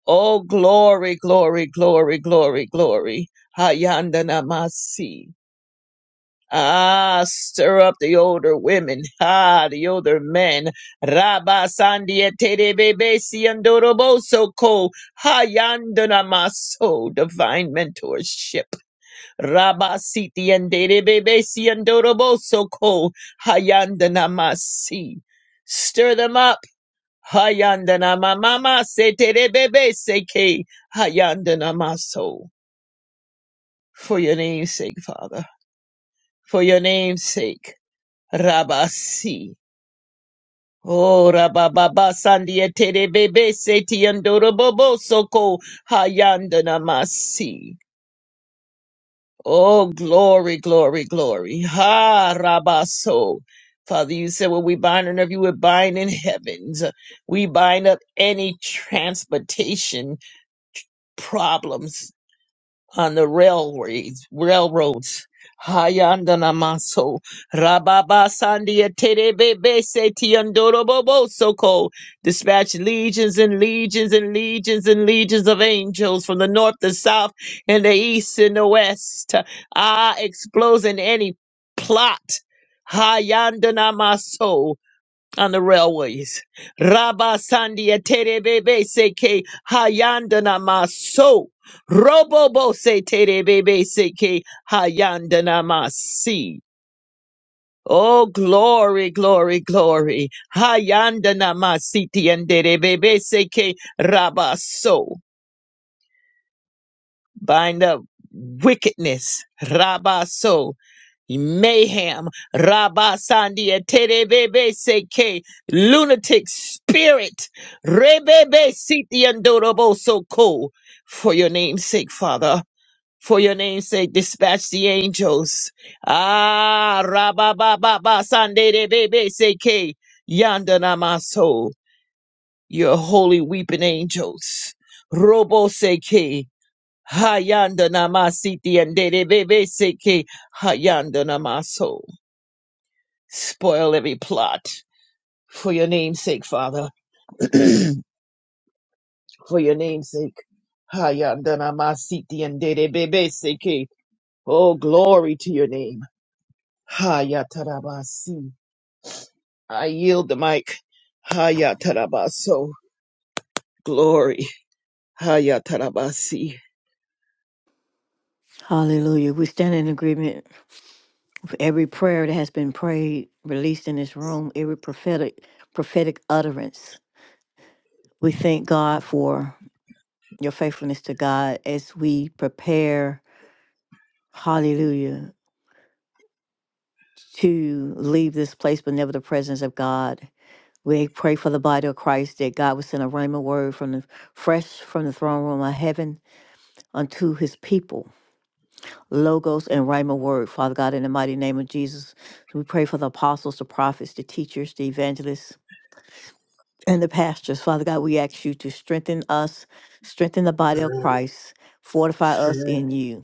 Oh, glory, glory, glory, glory, glory. Hayandanamasi. Ah, stir up the older women. Ah, the older men. Rabba sandiete bebe siandoroboso ko hayandana maso. Divine mentorship. Rabba siti andere bebe siandoroboso ko hayandana masi. Stir them up. Hayandana mama se tere bebe seke hayandana maso. For your name's sake, Father. For your name's sake. Rabasi. Oh, rabababa sandiete de bebe seti andorobobo soko hayandana masi. Oh, glory, glory, glory. Ha, rabaso. Father, you said what we bind on earth, you would bind in heavens. We bind up any transportation problems on the railways, railroads. Hayandanamaso, Rababa Sandia Terebebe Setiandorobobo Soko, dispatch legions and legions and legions and legions of angels from the north, the south, and the east and the west. Ah, exposing any plot. Hayandanamaso, on the railways. Rabba Sandia Terebebe Seke Hayandana Maso. Robobo Se Terebebe Seke Hayandana Masi. Oh, glory, glory, glory. Hayandana Masiti and Terebebe Seke Rabaso. Bind up wickedness. Rabaso. mayhem, rabba rabasandia, terebebe seke, lunatic spirit, rebebe siti andorobo soko. For your name's sake, Father. For your name's sake, dispatch the angels. Ah, rabba rabababa sanderebebe seke, yandanamaso. Your holy weeping angels. Robo seke. Hayanda namasiti and Rebebe seke hayanda namaso. Spoil every plot for your name's sake, Father. for your name's sake. Hayandana masiti and Dede Bebe Seke. Oh, glory to your name. Hayatarabasi. I yield the mic. Hayatarabaso. Glory. Hayatarabasi.
Hallelujah. We stand in agreement with every prayer that has been prayed, released in this room, every prophetic prophetic utterance. We thank God for your faithfulness to God as we prepare, hallelujah, to leave this place, but never the presence of God. We pray for the body of Christ that God would send a rhema word from the fresh from the throne room of heaven unto his people. Logos and rhema word, Father God, in the mighty name of Jesus. We pray for the apostles, the prophets, the teachers, the evangelists, and the pastors. Father God, we ask you to strengthen us, strengthen the body of Christ, fortify us in you.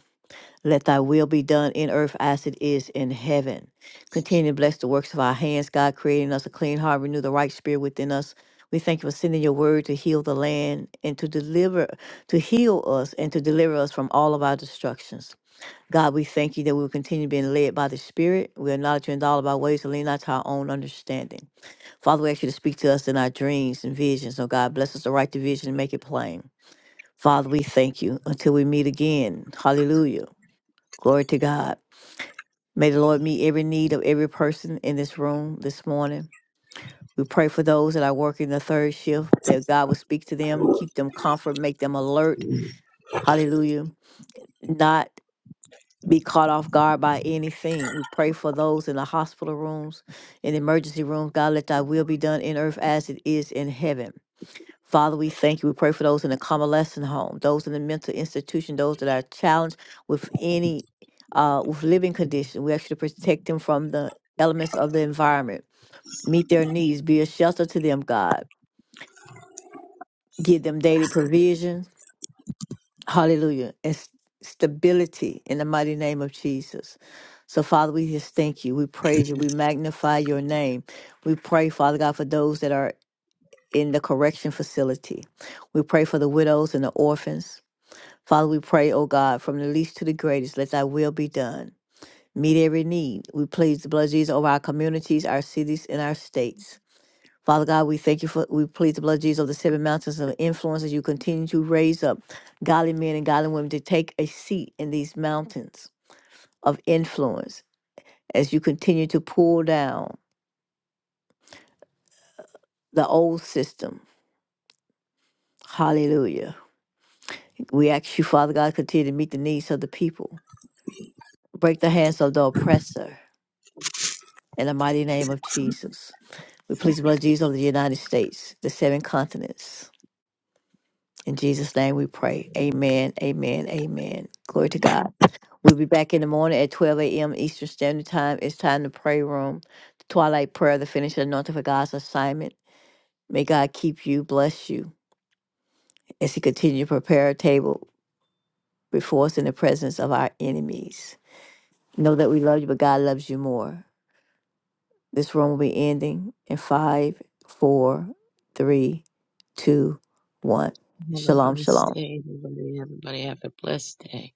Let thy will be done in earth as it is in heaven. Continue to bless the works of our hands, God, creating us a clean heart, renew the right spirit within us. We thank you for sending your word to heal the land and to deliver, to heal us and to deliver us from all of our destructions. God, we thank you that we will continue being led by the Spirit. We acknowledge you in all of our ways and lean not to our own understanding. Father, we ask you to speak to us in our dreams and visions. Oh God, bless us to write the vision and make it plain. Father, we thank you until we meet again. Hallelujah. Glory to God. May the Lord meet every need of every person in this room this morning. We pray for those that are working the third shift, that God will speak to them, keep them comfort, make them alert. Hallelujah. Not be caught off guard by anything. We pray for those in the hospital rooms, in the emergency rooms. God, let thy will be done in earth as it is in heaven. Father, we thank you. We pray for those in the convalescent home, those in the mental institution, those that are challenged with any uh, with living condition. We ask you to protect them from the elements of the environment. Meet their needs. Be a shelter to them, God. Give them daily provision. Hallelujah. And s- stability in the mighty name of Jesus. So, Father, we just thank you. We praise you. We magnify your name. We pray, Father God, for those that are in the correction facility. We pray for the widows and the orphans. Father, we pray, O God, from the least to the greatest, let thy will be done. Meet every need. We plead the blood of Jesus over our communities, our cities, and our states. Father God, we thank you for, we plead the blood of Jesus over the seven mountains of influence as you continue to raise up godly men and godly women to take a seat in these mountains of influence as you continue to pull down the old system. Hallelujah. We ask you, Father God, continue to meet the needs of the people. Break the hands of the oppressor in the mighty name of Jesus. We please the blood of Jesus over the United States, the seven continents. In Jesus' name we pray. Amen, amen, amen. Glory to God. We'll be back in the morning at 12 a.m. Eastern Standard Time. It's time to pray room, the twilight prayer, the finished anointing for God's assignment. May God keep you, bless you, as He continue to prepare a table before us in the presence of our enemies. Know that we love you, but God loves you more. This room will be ending in five, four, three, two, one.
Have a
Shalom,
blessed
shalom.
day, everybody. Everybody have a blessed day.